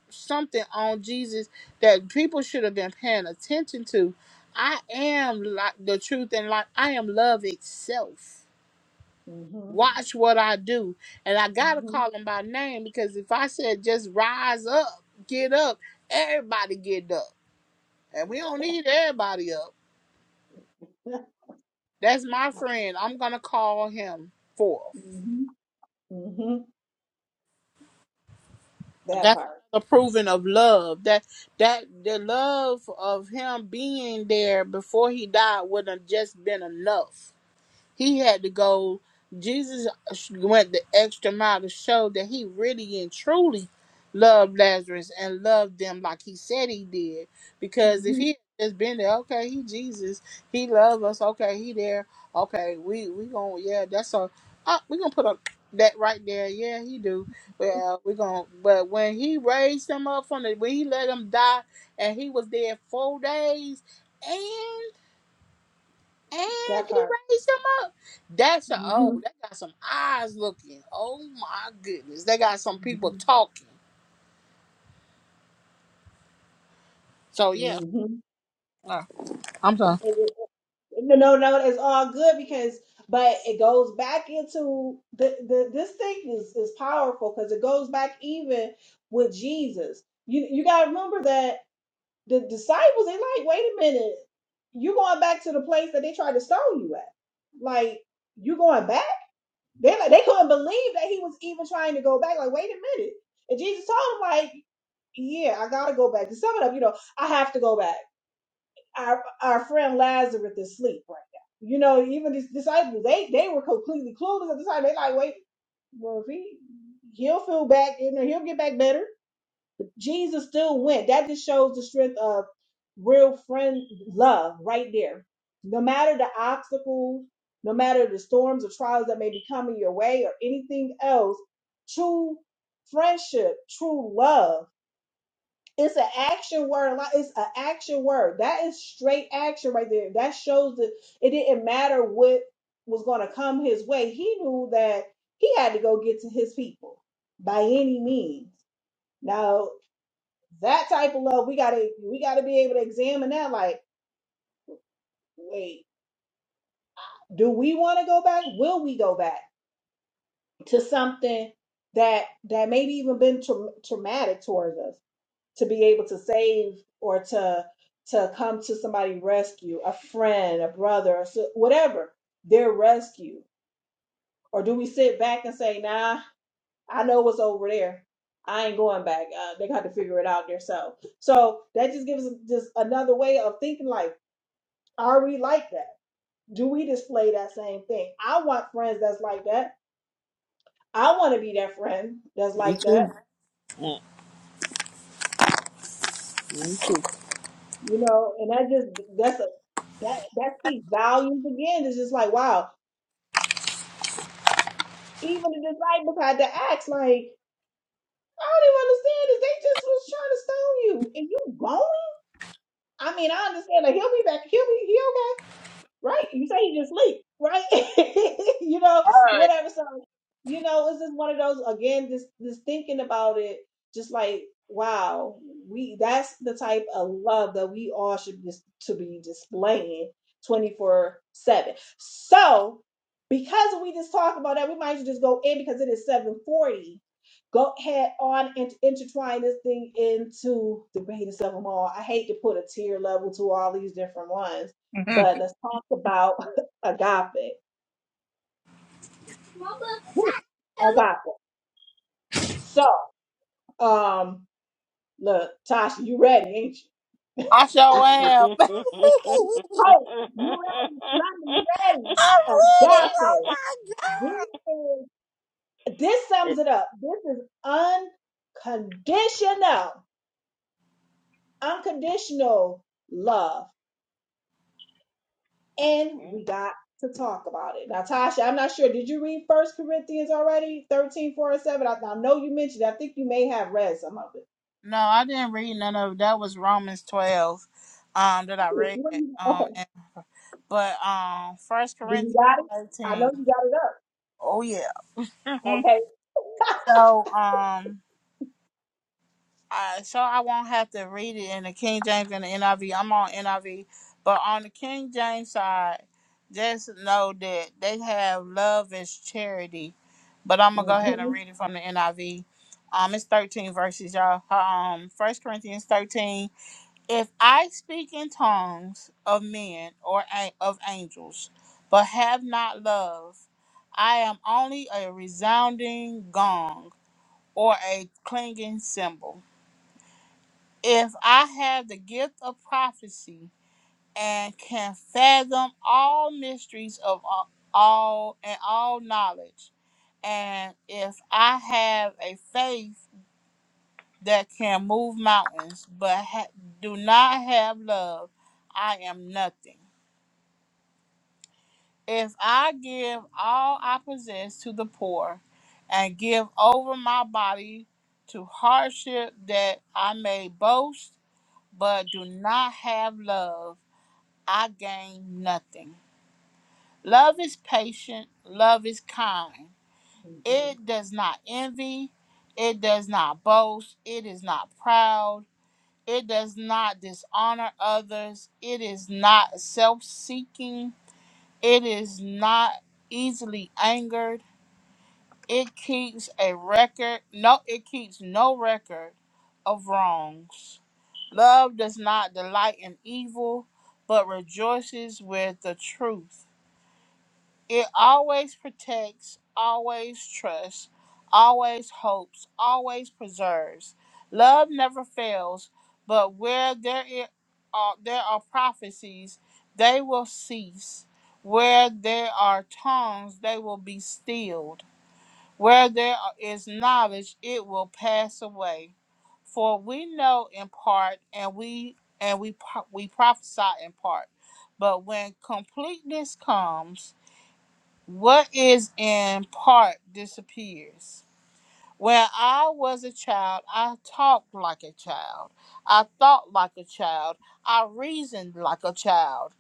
something on Jesus that people should have been paying attention to. I am like the truth and like I am love itself.
Mhm.
Watch what I do. And I gotta
Mhm.
call him by name because if I said just rise up, get up, everybody get up. And we don't need everybody up.
Yeah.
That's my friend. I'm gonna call him forth.
Mhm. Mhm. [LAUGHS] That
That's
part.
another proving of love. That that the love of him being there before he died would have just been enough. He had to go. Jesus went the extra mile to show that he really and truly loved Lazarus and loved them like he said he did. Because if
Mhm.
he had just been there, okay, he Jesus, he loved us, okay, he there, okay, we we gonna yeah, that's a uh, we gonna put a that right there, yeah, he do. Well, we gonna but when he raised them up from the when he let them die and he was there four days and
That
he
part.
raised them up. That's a oh,
Mhm.
they got some eyes looking. Oh my goodness, they got some people
Mhm.
talking. So yeah,
Mhm.
Uh, I'm sorry.
No, no, no, it's all good because, but it goes back into the, the this thing is is powerful because it goes back even with Jesus. You you gotta remember that the disciples they like, wait a minute, you going back to the place that they tried to stone you at? Like you going back? They like they couldn't believe that he was even trying to go back. Like wait a minute, and Jesus told him like, yeah, I gotta go back. To sum it up, you know, I have to go back our our friend Lazarus is asleep right now. You know, even these disciples, they they were completely clueless at the time. They like, wait, well, if he he'll feel back, you know, he'll get back better. Jesus still went. That just shows the strength of real friend love right there. No matter the obstacles, no matter the storms or trials that may be coming your way or anything else, true friendship, true love it's an action word. Like, It's an action word. That is straight action right there. That shows that it didn't matter what was going to come his way. He knew that he had to go get to his people by any means. Now that type of love, we gotta we gotta be able to examine that. Like, wait, do we want to go back? Will we go back to something that that maybe even been tra- traumatic towards us? to be able to save or to to come to somebody rescue a friend a brother a si- whatever their rescue or do we sit back and say nah i know what's over there i ain't going back uh, they got to figure it out themselves so that just gives us just another way of thinking like are we like that do we display that same thing i want friends that's like that i want to be that friend that's
Me
like
too.
that
Mm, Me too.
you know and that just that's a that that speaks volumes again it's just like wow even the disciples had to ask, like, I don't understand is they just was trying to stone you. And you going? I mean, I understand, like, he'll be back. He'll be, he okay right? You say you just sleep, right? [LAUGHS] you know,
All right.
whatever. So, you know, it's just one of those again, just just thinking about it, just like, wow, we that's the type of love that we all should just to be displaying 24-7. So because we just talked about that, we might as well just go in because it is 740. Go ahead on and intertwine this thing into the greatest of them all. I hate to put a tier level to all these different ones
Mhm.
but let's talk about [LAUGHS] agape. Woo, agape. So, um, look, Tasha, you ready, ain't you?
I sure am. [LAUGHS] I'm
Oh, you ready? London, you ready?
ready. Oh
Agape.
my god.
This is this sums it up. This is unconditional, unconditional love, and we got to talk about it. Now, Tasha, I'm not sure. Did you read First Corinthians already? 13, 4, and 7. I, I know you mentioned. it. I think you may have read some of it.
No, I didn't read none of that. Was Romans twelve, um, that I
Okay,
read.
what do you-
Um,
okay.
and, but um, First
do you
Corinthians
got it? I know
thirteen.
you got it up.
Oh yeah. Mhm.
Okay. [LAUGHS]
So um. Uh, so I won't have to read it in the King James and the NIV. I'm on NIV, but on the King James side, just know that they have love as charity. But I'm gonna go ahead and
Mm-hmm.
read it from the NIV. Um, it's 13 verses, y'all. Um, First Corinthians 13. If I speak in tongues of men or a- of angels, but have not love, I am only a resounding gong or a clanging cymbal. If I have the gift of prophecy and can fathom all mysteries of all, all and all knowledge, and if I have a faith that can move mountains but ha- do not have love, I am nothing. If I give all I possess to the poor and give over my body to hardship that I may boast but do not have love, I gain nothing. Love is patient, love is kind. It
Mm-hmm.
does not envy, it does not boast, it is not proud, it does not dishonor others, it is not self seeking, it is not easily angered, it keeps a record, no, it keeps no record of wrongs. Love does not delight in evil, but rejoices with the truth It always protects, always trusts, always hopes, always preserves. Love never fails, but where there i- are, there are prophecies, they will cease. Where there are tongues, they will be stilled. Where there are- is knowledge, it will pass away. For we know in part, and we and we pro- we prophesy in part. But when completeness comes, what is in part disappears. When I was a child, I talked like a child. I thought like a child. I reasoned like a child.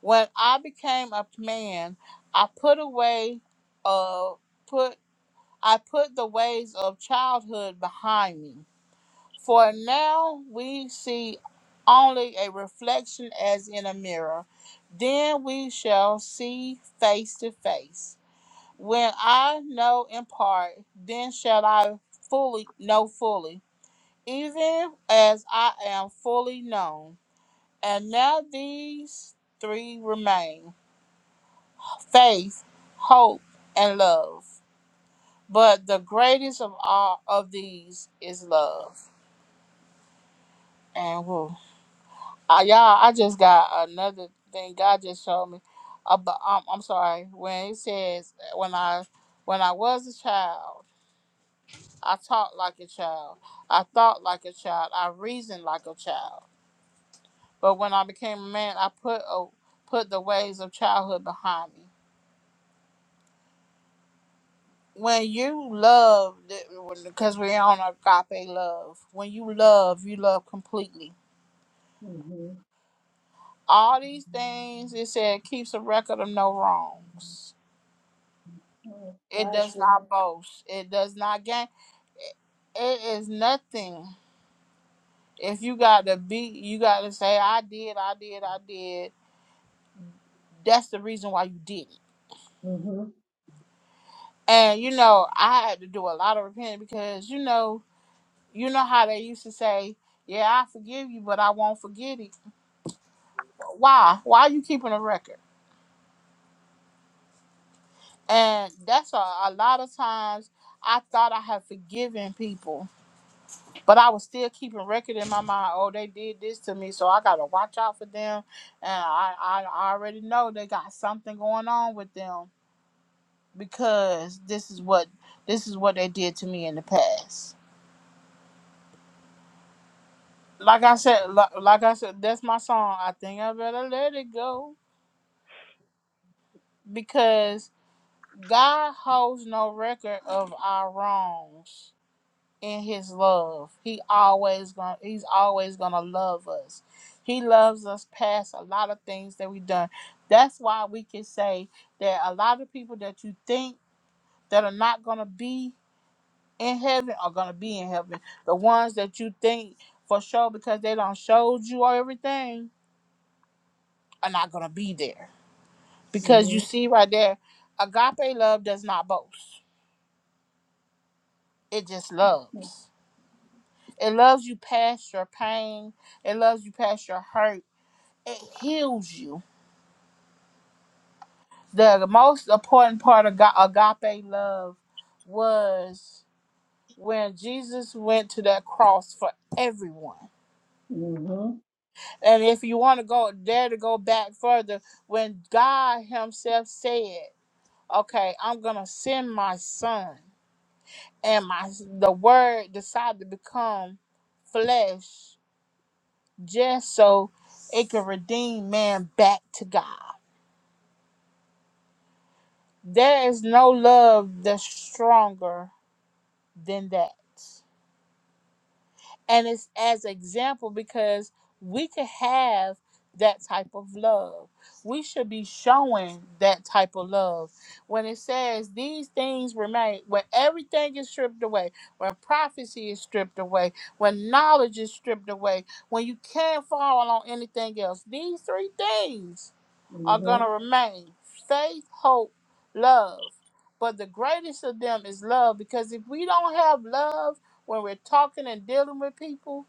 When I became a man, I put away uh put I put the ways of childhood behind me. For now we see only a reflection as in a mirror. Then we shall see face to face. When I know in part, then shall I fully know fully, even as I am fully known. And now these three remain faith, hope, and love. But the greatest of all of these is love. And woo. I, y'all, I just got another thing God just showed me. About, um, I'm sorry. When it says when I when I was a child. I talked like a child. I thought like a child. I reasoned like a child. But when I became a man, I put a, put the ways of childhood behind me. When you love, because we're on agape love. When you love, you love completely.
Mm-hmm.
All these things, it said, keeps a record of no wrongs.
mm-hmm.
It
Last
does
one.
not boast. It does not gain. It is nothing. If you got to be, you got to say, I did, I did, I did. That's the reason why you did it
Mm-hmm.
And you know, I had to do a lot of repenting because you know, you know how they used to say, "Yeah, I forgive you, but I won't forget it." Why? Why are you keeping a record? And that's a, a lot of times I thought I had forgiven people, but I was still keeping record in my mind. Oh, they did this to me, so I gotta watch out for them. And I, I I already know they got something going on with them because this is what this is what they did to me in the past Like I said, like, like I said, that's my song. I think I better let it go because God holds no record of our wrongs in His love. He always gonna He's always gonna love us. He loves us past a lot of things that we've done. That's why we can say that a lot of people that you think that are not gonna be in heaven are gonna be in heaven. The ones that you think for sure because they don't showed you or everything are not gonna be there Because you
Mm-hmm.
see right there, agape love does not boast. It just loves. It loves you past your pain. It loves you past your hurt. It heals you. The most important part of Ga- agape love was when Jesus went to that cross for everyone.
Mm-hmm.
And if you want to go dare to go back further, when God Himself said, Okay, I'm gonna send my son. and my the word decided to become flesh just so it could redeem man back to God. There is no love that's stronger than that. and it's as an example because we could have that type of love we should be showing that type of love when it says these things remain when everything is stripped away when prophecy is stripped away when knowledge is stripped away when you can't fall on anything else these three things are going
Mm-hmm.
to remain faith, hope, love. But the greatest of them is love because if we don't have love when we're talking and dealing with people,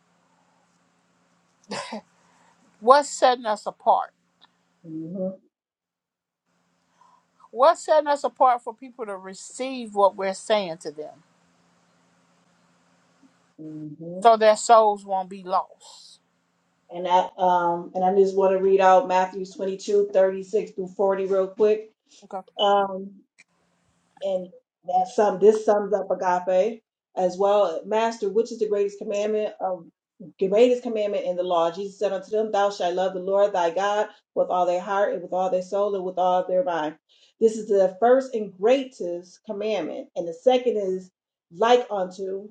what's setting us apart?
Mm-hmm.
What's setting us apart for people to receive what we're saying to them
hmm
so their souls won't be lost?
And I um and I just want to read out Matthew 22 36 through 40 real quick.
Okay.
Um And that sum this sums up agape as well. Master, which is the greatest commandment? Um, greatest commandment in the law. Jesus said unto them, Thou shalt love the Lord thy God with all their heart and with all their soul and with all their mind. This is the first and greatest commandment. And the second is like unto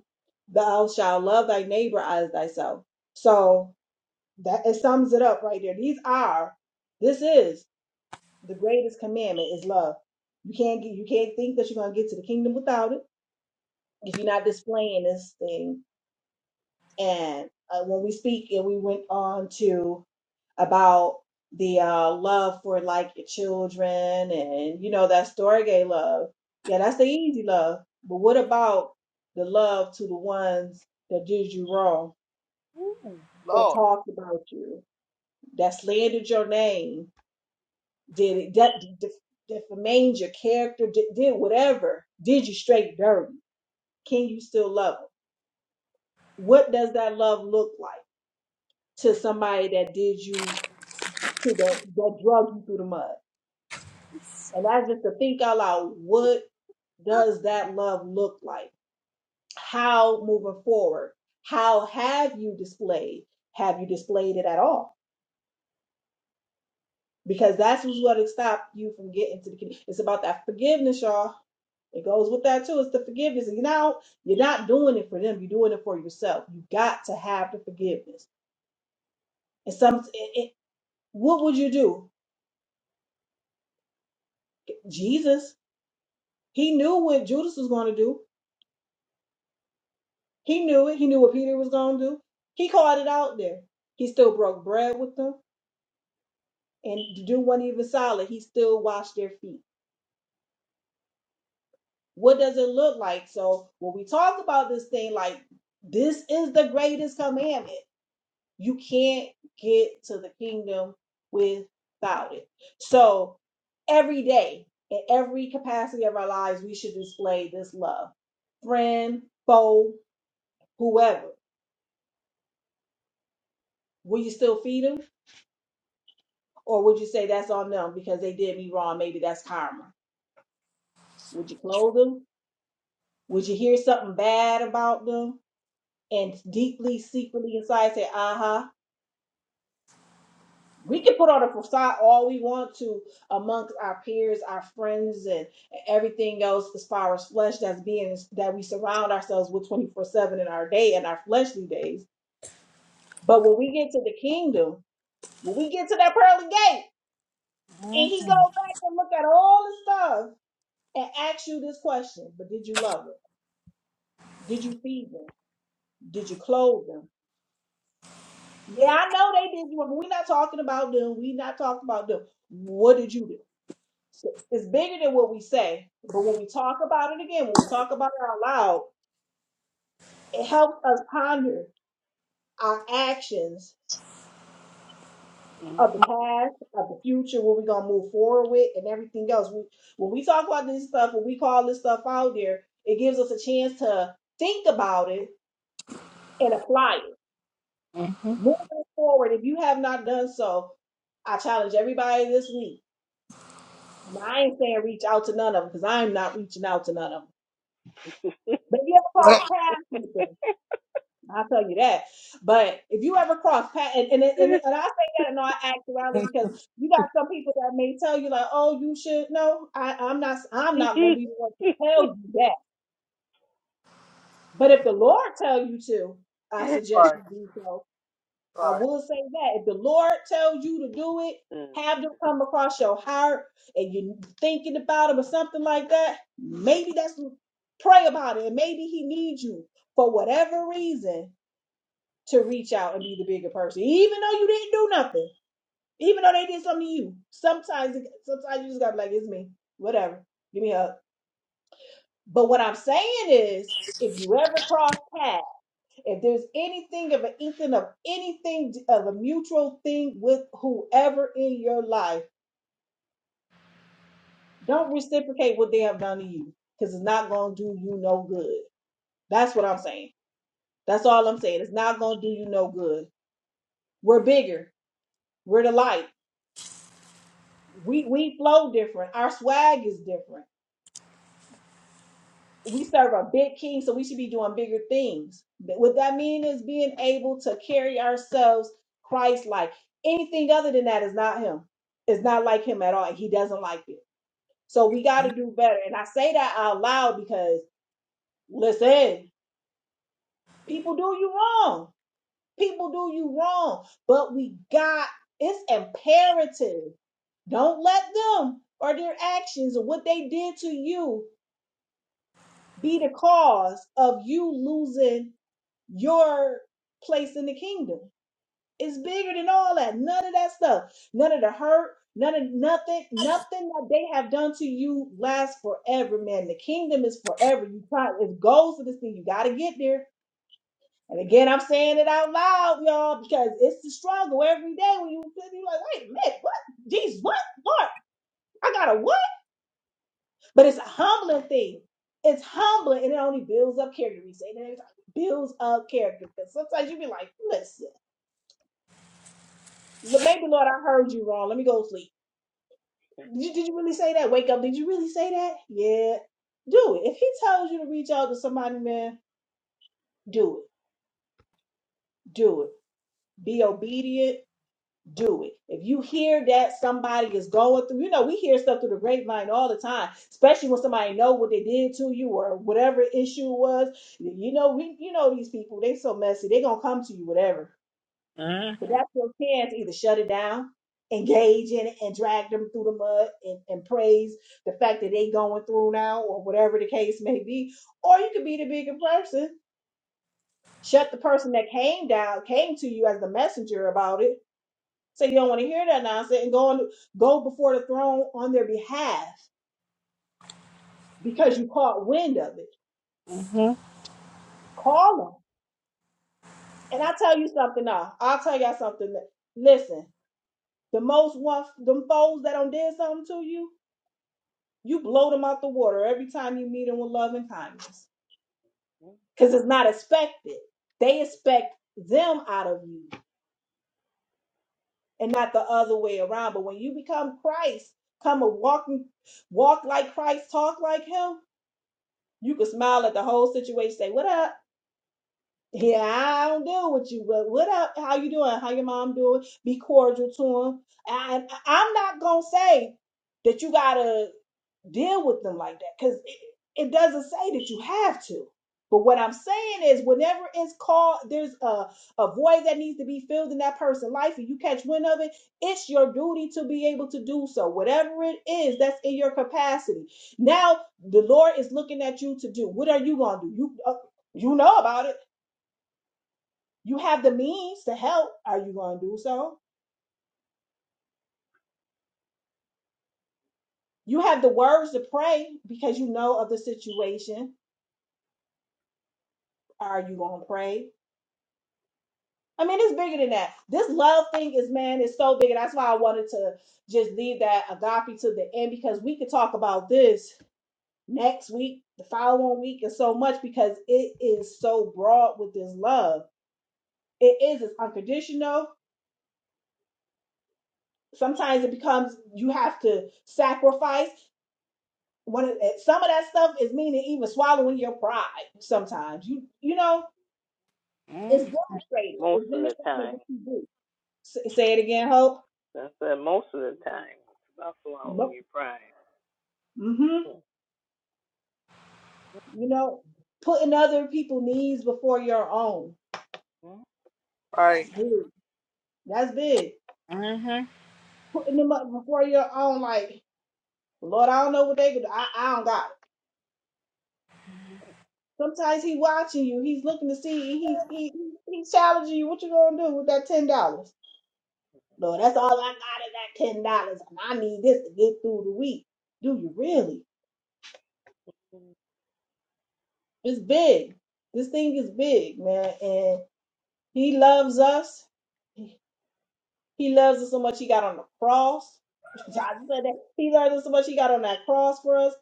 thou shalt love thy neighbor as thyself. So that it sums it up right there. These are, this is the greatest commandment is love. You can't get, you can't think that you're going to get to the kingdom without it if you're not displaying this thing. And uh, when we speak, and we went on to about the uh, love for like your children, and you know that storge love. Yeah, that's the easy love. But what about the love to the ones that did you wrong,
Ooh,
that
Lord.
talked about you, that slandered your name? Did it de- de- defamed your character? Did, did whatever? Did you straight dirty? Can you still love them? What does that love look like to somebody that did you to the that drug you through the mud? And that's just to think out loud. What does that love look like? How moving forward? How have you displayed? Have you displayed it at all? Because that's what's going to stop you from getting to the kingdom. It's about that forgiveness, y'all It goes with that too. It's the forgiveness. And you know, you're not doing it for them. You're doing it for yourself. You got to have the forgiveness. And some, it, it, what would you do? Jesus, he knew what Judas was going to do. He knew it. He knew what Peter was going to do. He called it out there. He still broke bread with them, and the dude wasn't even solid. He still washed their feet. What does it look like? So when we talk about this thing, like this is the greatest commandment. You can't get to the kingdom without it. So every day, in every capacity of our lives, we should display this love. Friend, foe, whoever. Will you still feed them? Or would you say that's on them because they did me wrong? Maybe that's karma. Would you clothe them? Would you hear something bad about them and deeply, secretly inside say, uh huh? we can put on a facade all we want to amongst our peers, our friends, and everything else as far as flesh that's being that we surround ourselves with 24 7 in our day and our fleshly days. But when we get to the kingdom, when we get to that pearly gate, and he
Mm-hmm.
goes back and look at all the stuff and asks you this question, but did you love them? Did you feed them? Did you clothe them? Yeah, I know they did you, but we're not talking about them. We're not talking about them. What did you do? So It's bigger than what we say, but when we talk about it again, when we talk about it out loud, it helps us ponder our actions of the past, of the future, what we're gonna move forward with, and everything else. We, when we talk about this stuff, when we call this stuff out there, it gives us a chance to think about it and apply it.
Mm-hmm.
Moving forward, if you have not done so, I challenge everybody this week. And I ain't saying reach out to none of them because I'm not reaching out to none of them. But if you ever cross
Right,
paths with them? I'll tell you that. But if you ever cross paths, and, and, and, and I say that in all actuality because you got some people that may tell you like, oh, you should know. I, I'm not. I'm not going to be the one to tell you that. But if the Lord tell you to, I suggest you do so. I
right.
will say that if the Lord tells you to do it, have them come across your heart, and you're thinking about it or something like that. Maybe that's pray about it, and maybe He needs you for whatever reason to reach out and be the bigger person, even though you didn't do nothing, even though they did something to you. Sometimes, sometimes you just gotta be like, it's me, whatever, give me a hug. But what I'm saying is, if you ever cross paths, if there's anything of an inkling of anything of a mutual thing with whoever in your life, don't reciprocate what they have done to you because it's not gonna do you no good. That's what I'm saying. That's all I'm saying. It's not gonna do you no good. We're bigger. We're the light. we we flow different. Our swag is different. We serve a big king, so we should be doing bigger things. But What that means is being able to carry ourselves Christ like. Anything other than that is not him. It's not like him at all. and He doesn't like it. So we got to do better. And I say that out loud because listen, people do you wrong. People do you wrong. But we got it's imperative. Don't let them or their actions or what they did to you be the cause of you losing your place in the kingdom. It's bigger than all that. None of that stuff. None of the hurt. None of nothing. Nothing that they have done to you lasts forever, man. The kingdom is forever. You try. It goes to this thing. You got to get there. And again, I'm saying it out loud, y'all, because it's the struggle every day when you you like, wait a minute, what? Jesus, what? Lord, I gotta what? But it's a humbling thing. It's humbling and it only builds up character. We say it builds up character. Because sometimes you be like, listen, but maybe Lord, I heard you wrong. Let me go to sleep. Did you, did you really say that? Wake up. Did you really say that? Yeah. Do it. If he tells you to reach out to somebody, man, do it. Do it. Be obedient do it. If you hear that somebody is going through, you know, we hear stuff through the grapevine all the time, especially when somebody know what they did to you or whatever issue was. You know, we you know these people, they so messy, they gonna come to you, whatever. But
Mm-hmm.
that's your chance to either shut it down, engage in it, and drag them through the mud and, and praise the fact that they going through now or whatever the case may be. Or you could be the bigger person. Shut the person that came down, came to you as the messenger about it Say you don't want to hear that nonsense and go on, go before the throne on their behalf because you caught wind of it. Call them. And I tell you something now. I'll tell y'all something. that- Listen, the most one, them foes that done did something to you, you blow them out the water every time you meet them with love and kindness. Because it's not expected. They expect them out of you and not the other way around. But when you become Christ, come a walking, walk like Christ, talk like him, You could smile at the whole situation, say, What up? Yeah, I don't deal with you, but what up? How you doing? How your mom doing? Be cordial to him. I, I- I'm not gonna say that you gotta deal with them like that because it, it doesn't say that you have to but what i'm saying is whenever it's called there's a, a void that needs to be filled in that person's life and you catch wind of it it's your duty to be able to do so whatever it is that's in your capacity now the lord is looking at you to do what are you going to do you uh, you know about it you have the means to help are you going to do so you have the words to pray because you know of the situation are you going to pray I mean, it's bigger than that. This love thing is, man, is so big. And that's why I wanted to just leave that agape to the end because we could talk about this next week, the following week, and so much because it is so broad with this love. It is, it's unconditional. Sometimes it becomes you have to sacrifice. One of some of that stuff is meaning even swallowing your pride. Sometimes you you know
Mm-hmm.
it's demonstrated.
most
It's
of the
demonstrated in
time.
what you do. S- say it again, Hope.
I said most of the time. It's about swallowing your pride.
Mm-hmm. You know, putting other people's needs before your own.
Right.
That's big. That's big.
Mm-hmm.
Putting them up before your own, like, Lord, I don't know what they could do. I, I don't got it. Sometimes he watching you. He's looking to see. and He's he, he's challenging you. What you gonna do with that ten dollars? Lord, that's all I got is that ten dollars, and I need this to get through the week. Do you really? It's big. This thing is big, man. And he loves us. He loves us so much he got on the cross. [LAUGHS] I said that. He loves us so much he got on that cross for us.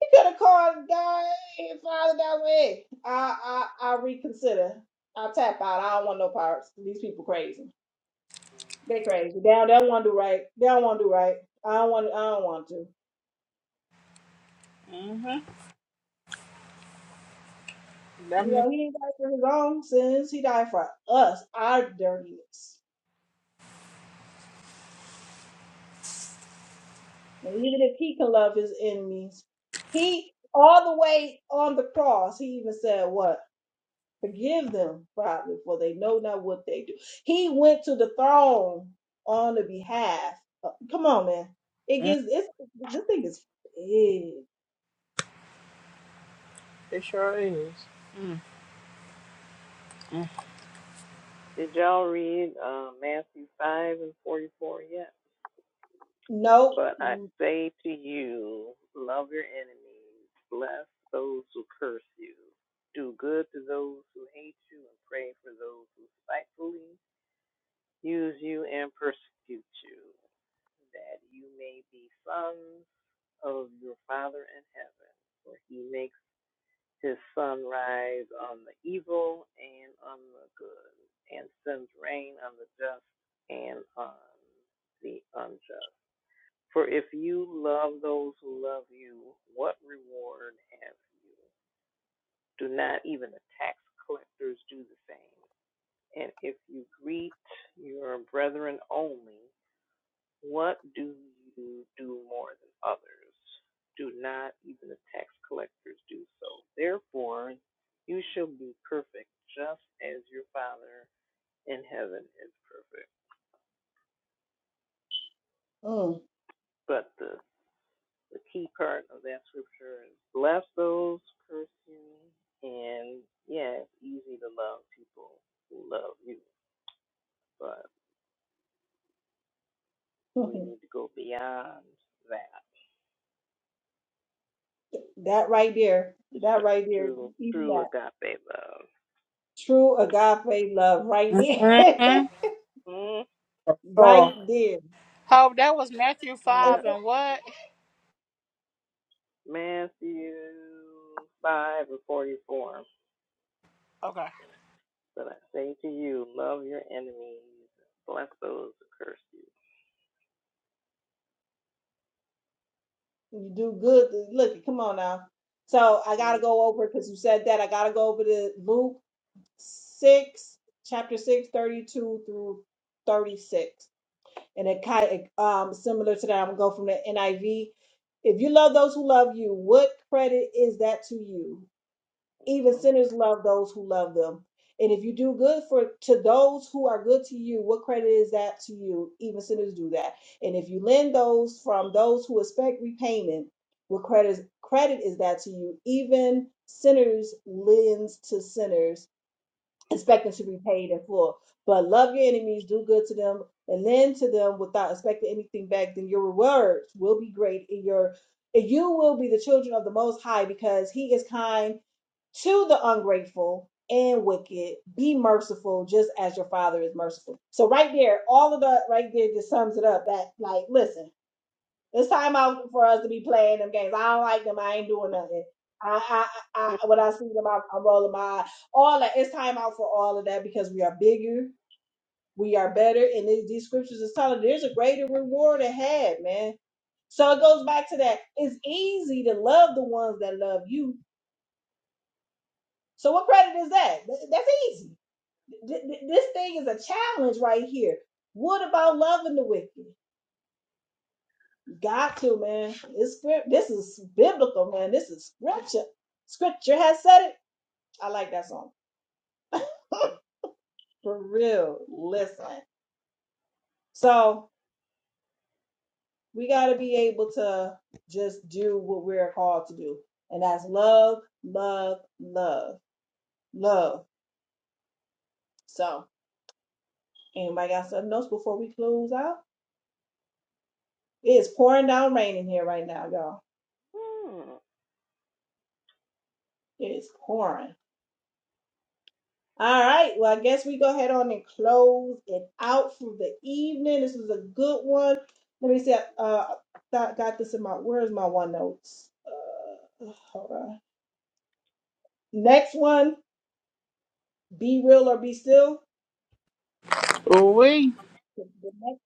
He could have called God, hey, Father, that way. I, I, I reconsider. I tap out. I don't want no parts. These people crazy. They crazy. They don't, they don't want to do right. They don't want to do right. I don't want. I don't want to. You know,
Mm-hmm.
he didn't die for his own sins. He died for us, our dirtiness. And even if he can love his enemies, he all the way on the cross. He even said, "What." Forgive them, Father, for they know not what they do. He went to the throne on the behalf. uh, Come on, man. It gets it's this thing is big.
It sure is.
Did y'all read uh, Matthew 5 and 44 yet?
No,
But I
mm,
say to you, love your enemies, bless those who curse you, do good to those who hate you, and pray for those who spitefully use you and persecute you, that you may be sons of your Father in heaven. For he makes His sun rise on the evil and on the good, and sends rain on the just and on the unjust. For if you love those who love you, what reward have you? Do not even the tax collectors do the same? And if you greet your brethren only, what do you do more than others? Do not even the tax collectors do so. Therefore, you shall be perfect, just as your Father in heaven is perfect.
mm.
But the, the key part of that scripture is bless those who curse you, and yeah, it's easy to love people who love you, but we
[LAUGHS]
need to go beyond that.
that right there,
It's
that
so
right there,
true,
even
true
that
agape love.
true agape love right there,
Mm-hmm.
[LAUGHS]
Mm,
Oh,
right there.
Oh, that was Matthew
yeah,
And
5 and what?
Matthew 5 and 44.
Okay.
But I say to you, love your enemies, bless those who curse
you do good. Look, come on now. So I
you.
gotta go over because you said that. I gotta go over to Luke six, chapter six, thirty-two through thirty-six, and it kind of um, similar to that. I'm gonna go from the NIV. If you love those who love you, what credit is that to you? Even
Mhm.
sinners love those who love them. And if you do good for to those who are good to you, what credit is that to you? Even sinners do that. And if you lend those from those who expect repayment, what credit credit is that to you? Even sinners lends to sinners expecting to be paid in full. But love your enemies, do good to them, and lend to them without expecting anything back, then your rewards will be great and your and you will be the children of the most high because he is kind to the ungrateful and wicked. Be merciful just as your father is merciful. So right there, all of that right there just sums it up that like listen it's time out for us to be playing them games. I don't like them. I ain't doing nothing. I, I, I, when I see them, I, I'm rolling my eye. All that. It's time out for all of that because we are bigger, we are better, and these, these scriptures is telling there's a greater reward ahead, man. So it goes back to that. It's easy to love the ones that love you. So what credit is that? Th- That's easy. Th- th- This thing is a challenge right here. What about loving the wicked? Got to, man. It's script. This is biblical, man. This is scripture. Scripture has said it. I like that song. [LAUGHS] For real. Listen. So we got to be able to just do what we're called to do. And that's love, love, love, love. So anybody got something else before we close out? It's pouring down rain in here right now, y'all.
[LAUGHS]
It's pouring. All right. Well, I guess we go ahead on and close it out for the evening. This was a good one. Let me see. I Uh, I got this in my. Where's my one notes? Uh, hold on. Next one. Be real or be still.
Ooh we.
The, the next,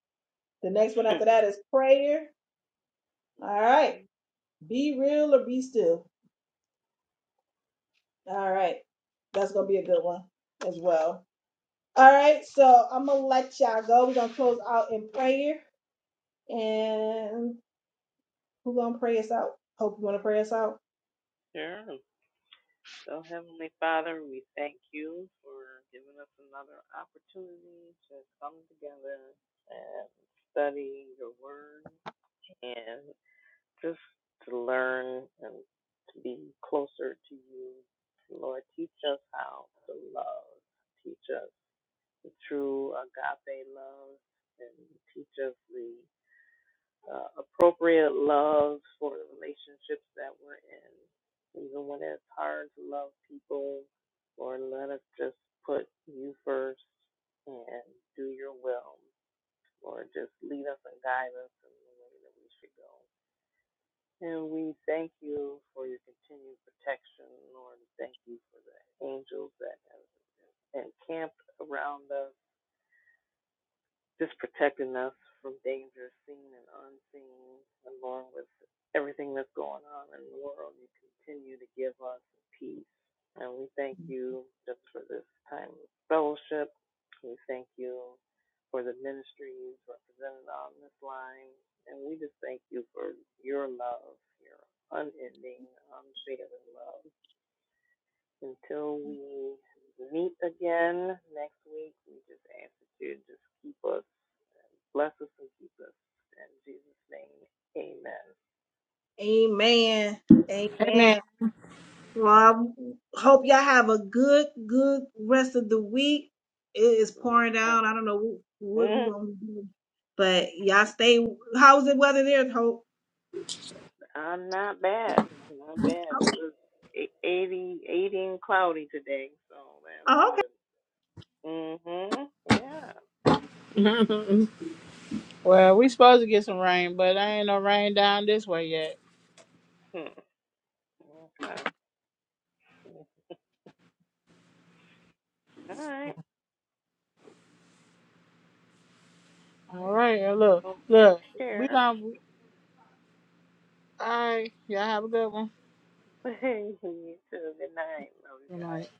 the next one after that is prayer. All right. Be real or be still. All right. That's gonna be a good one as well. All right. So I'm gonna let y'all go. We're gonna close out in prayer and Who gonna pray us out? Hope you wanna pray us out.
sure. So, Heavenly Father, we thank you for giving us another opportunity to come together and study your word. and just to learn and to be closer to you. Lord, teach us how to love. Teach us the true agape love and teach us the uh, appropriate love for the relationships that we're in. Even when it's hard to love people, Lord, let us just put you first and do your will. Lord, just lead us and guide us in the way that we should go. And we thank you for your continued protection, Lord. Thank you for the angels that have encamped around us just protecting us from danger seen and unseen, along with everything that's going on in the world. You continue to give us peace. And we thank you just for this time of fellowship. We thank you for the ministries represented on this line. And we just thank you for your love, your unending, unfailing love. Until we meet again next week, we just ask that you just keep us Bless us and keep us. In Jesus' name,
Amen.
Amen.
Amen. Well, I hope y'all have a good, good rest of the week. It is pouring
amen.
down. I don't know what we're
Mhm.
gonna do, but y'all stay. How's the weather there? Hope.
I'm not bad. Not bad. It was e- 80, 80 and cloudy today, so that's
Oh, Okay.
good. hmm Yeah.
[LAUGHS] well, we supposed to get some rain, but there ain't no rain down this way yet.
Hmm. Okay. All right.
All right. uh, Look,
Well, take
look. We
care.
done. All right. Y'all have a good one.
[LAUGHS] you too. Good night. Love you
Good night.
guys.